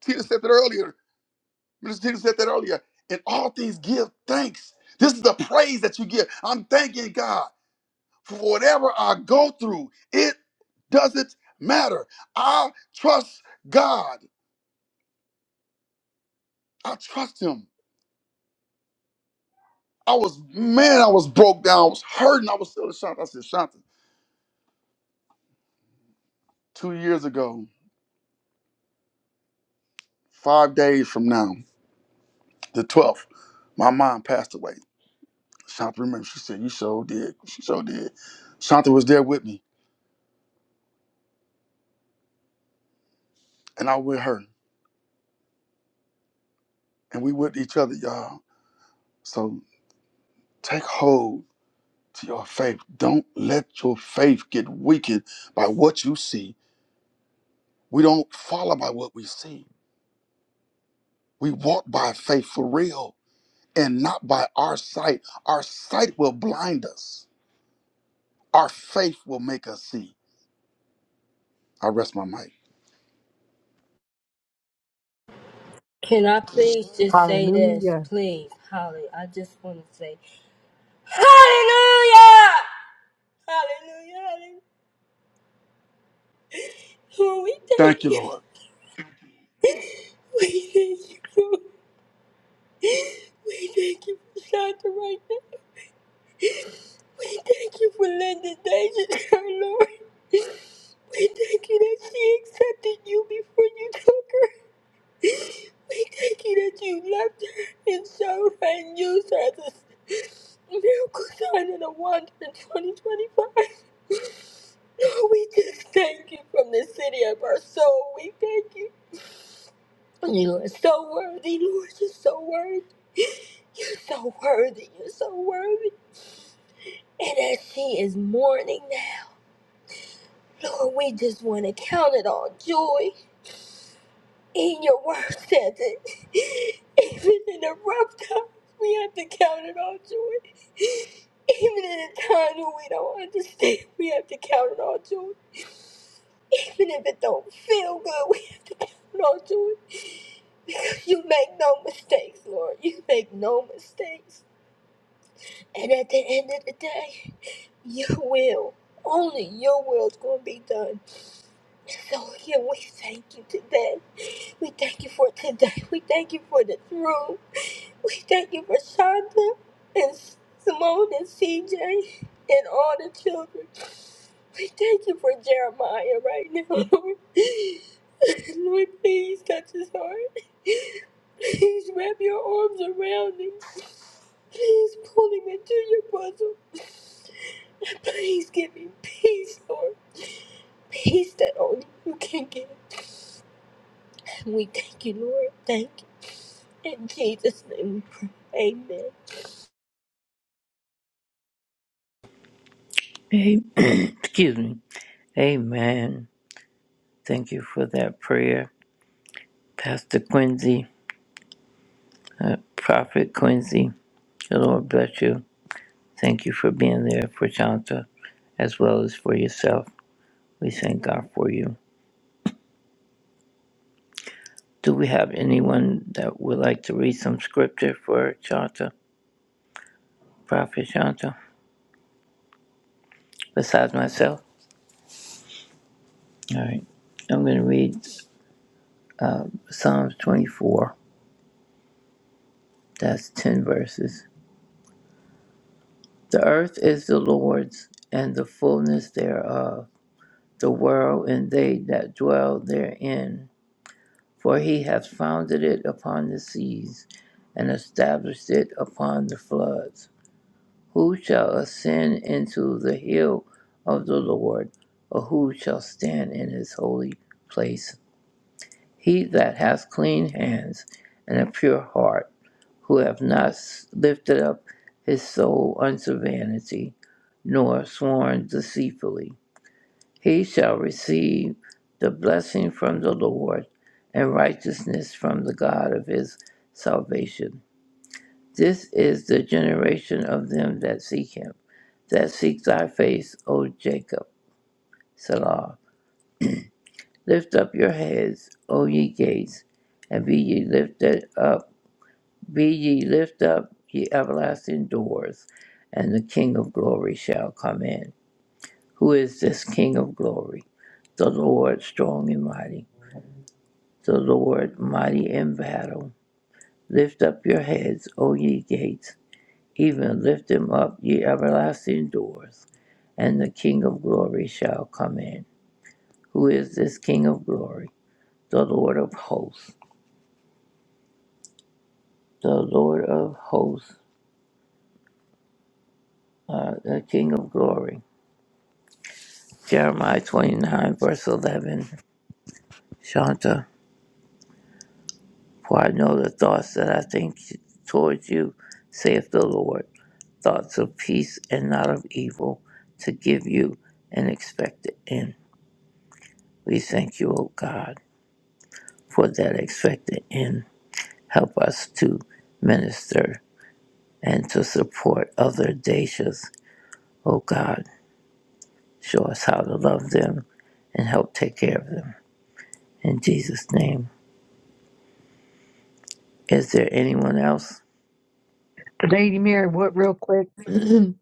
S6: Tina said that earlier. Minister Tina said that earlier. In all things, give thanks. This is the praise that you give. I'm thanking God for whatever I go through. It doesn't matter. I trust God. I trust Him. I was, man, I was broke down. I was hurting. I was still Shanta. I said, Shanta, two years ago, five days from now, the 12th, my mom passed away. Shanta remember she said, You so did. She so did. Shanta was there with me and I with her. And we with each other, y'all. So take hold to your faith. Don't let your faith get weakened by what you see. We don't follow by what we see. We walk by faith for real and not by our sight. Our sight will blind us. Our faith will make us see. I rest my mic.
S3: Can I please just say this?
S1: Hallelujah.
S3: Please, Holly, I just want to say, Hallelujah! Hallelujah, hallelujah. Lord, we
S6: Thank you,
S3: thank
S6: Lord.
S3: you. We thank you. Lord. We thank you for Shanta right now. We thank you for Linda Deja, our Lord. We thank you that she accepted you before you took her. We thank you that you loved her and showed her and used her as a miracle sign and a wonder in 2025. Lord, we just thank you from the city of our soul. We thank you. You are so worthy, Lord. You're so worthy. You're so worthy. You're so worthy. And as she is mourning that. Lord, we just want to count it all joy. In your word says it. Even in the rough times, we have to count it all joy. Even in the time when we don't understand, we have to count it all joy. Even if it don't feel good, we have it all joy. Because you make no mistakes, Lord. You make no mistakes. And at the end of the day, your will, only your will is going to be done. So again, we thank you today. We thank you for today. We thank you for this room. We thank you for Shonda and Simone and CJ and all the children. We thank you for Jeremiah right now, Lord. Lord, please touch his heart. Please wrap your arms around him. Please pull him into your bosom. And please give him peace, Lord. Peace that only you can give. And we thank you, Lord. Thank you. In Jesus' name, we pray. amen.
S12: Amen. Excuse me. Amen. Thank you for that prayer. Pastor Quincy, uh, Prophet Quincy, the Lord bless you. Thank you for being there for Shanta as well as for yourself. We thank God for you. Do we have anyone that would like to read some scripture for Shanta, Prophet Shanta, besides myself? All right. I'm going to read Psalms 24. That's 10 verses. The earth is the Lord's and the fullness thereof, the world and they that dwell therein. For he hath founded it upon the seas and established it upon the floods. Who shall ascend into the hill of the Lord, or who shall stand in his holy place? He that hath clean hands and a pure heart, who hath not lifted up his soul unto vanity, nor sworn deceitfully, he shall receive the blessing from the Lord and righteousness from the God of his salvation. This is the generation of them that seek him, that seek thy face, O Jacob. Salah. Lift up your heads, O ye gates, and be ye lifted up, be ye lift up, ye everlasting doors, and the King of glory shall come in. Who is this King of glory? The Lord strong and mighty, the Lord mighty in battle. Lift up your heads, O ye gates Even lift him up, ye everlasting doors, and the King of glory shall come in. Who is this King of glory? The Lord of hosts. The Lord of hosts, uh, the King of glory. Jeremiah 29, verse 11. Shanta, for I know the thoughts that I think towards you, saith the Lord, thoughts of peace and not of evil, to give you an expected end. We thank you, O God, for that expected end. Help us to minister and to support other Daishas, Oh God, show us how to love them and help take care of them. In Jesus' name. Is there anyone else?
S1: Lady Mary, what real quick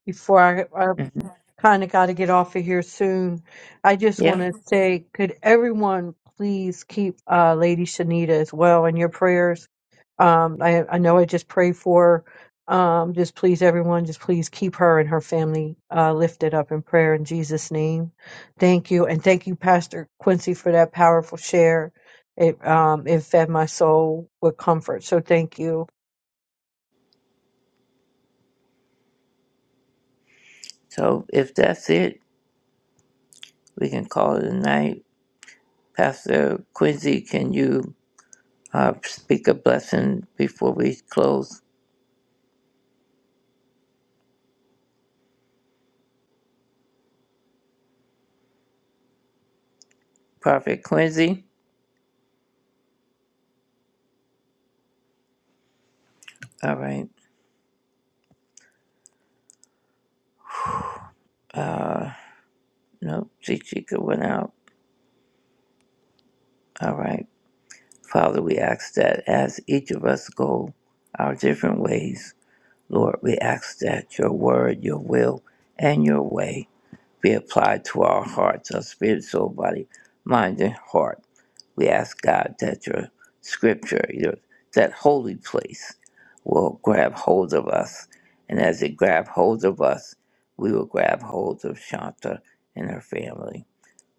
S1: before I,
S12: Mhm.
S1: kind of got to get off of here soon. I just want
S12: Yep.
S1: to say, could everyone please keep uh, Lady Shanita as well in your prayers? Um, I, I know I just prayed for her. Um, just please, everyone, just please keep her and her family uh, lifted up in prayer in Jesus' name. Thank you. And thank you, Pastor Quincy, for that powerful share. It, um, it fed my soul with comfort. So thank you.
S12: So if that's it, we can call it a night. Pastor Quincy, can you uh, speak a blessing before we close? Prophet Quincy? All right. Uh, nope. Chichika went out. All right. Father, we ask that as each of us go our different ways, Lord, we ask that your word, your will, and your way be applied to our hearts, our spirit, soul, body, mind, and heart. We ask God that your scripture, your, that holy place, will grab hold of us. And as it grab hold of us, we will grab hold of Shanta and her family.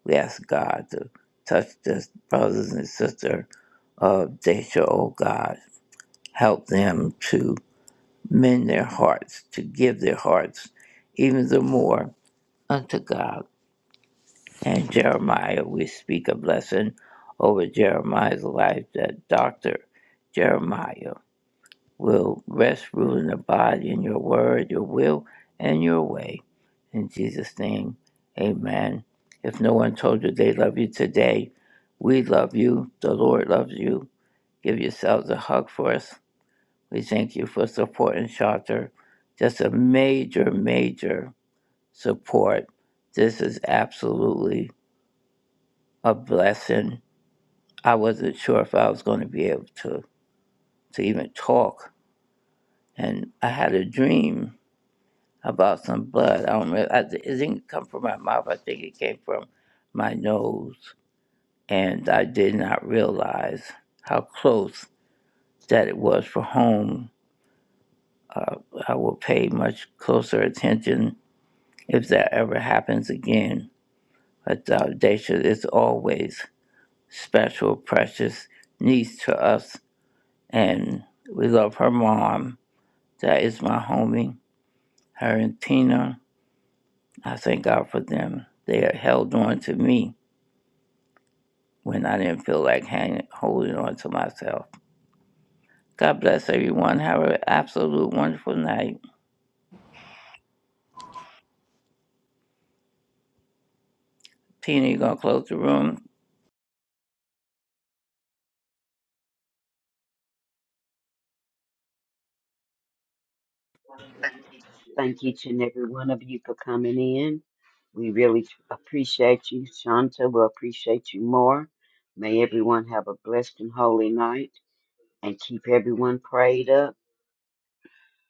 S12: We ask God to touch this brothers and sisters of Deja, oh God. Help them to mend their hearts, to give their hearts even the more unto God. And Jeremiah, we speak a blessing over Jeremiah's life that Dr. Jeremiah will rest, rule, and abide in your word, your will, and your way. In Jesus' name, amen. If no one told you they love you today, we love you. The Lord loves you. Give yourselves a hug for us We thank you for support and shelter. Just a major, major support. This is absolutely a blessing. I wasn't sure if I was going to be able to, to even talk. And I had a dream about some blood. I don't know. I, it didn't come from my mouth. I think it came from my nose. And I did not realize how close that it was for home. I will pay much closer attention If that ever happens again, a Daldatia is always special, precious niece to us, and we love her mom. That is my homie, her and Tina. I thank God for them. They held on to me when I didn't feel like hanging, holding on to myself. God bless everyone. Have an absolute wonderful night. Tina, you gonna close the room?
S2: Thank each and every one of you for coming in. We really appreciate you. Shanta will appreciate you more. May everyone have a blessed and holy night and keep everyone prayed up.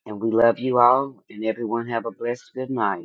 S2: And we love you all, and everyone have a blessed good night.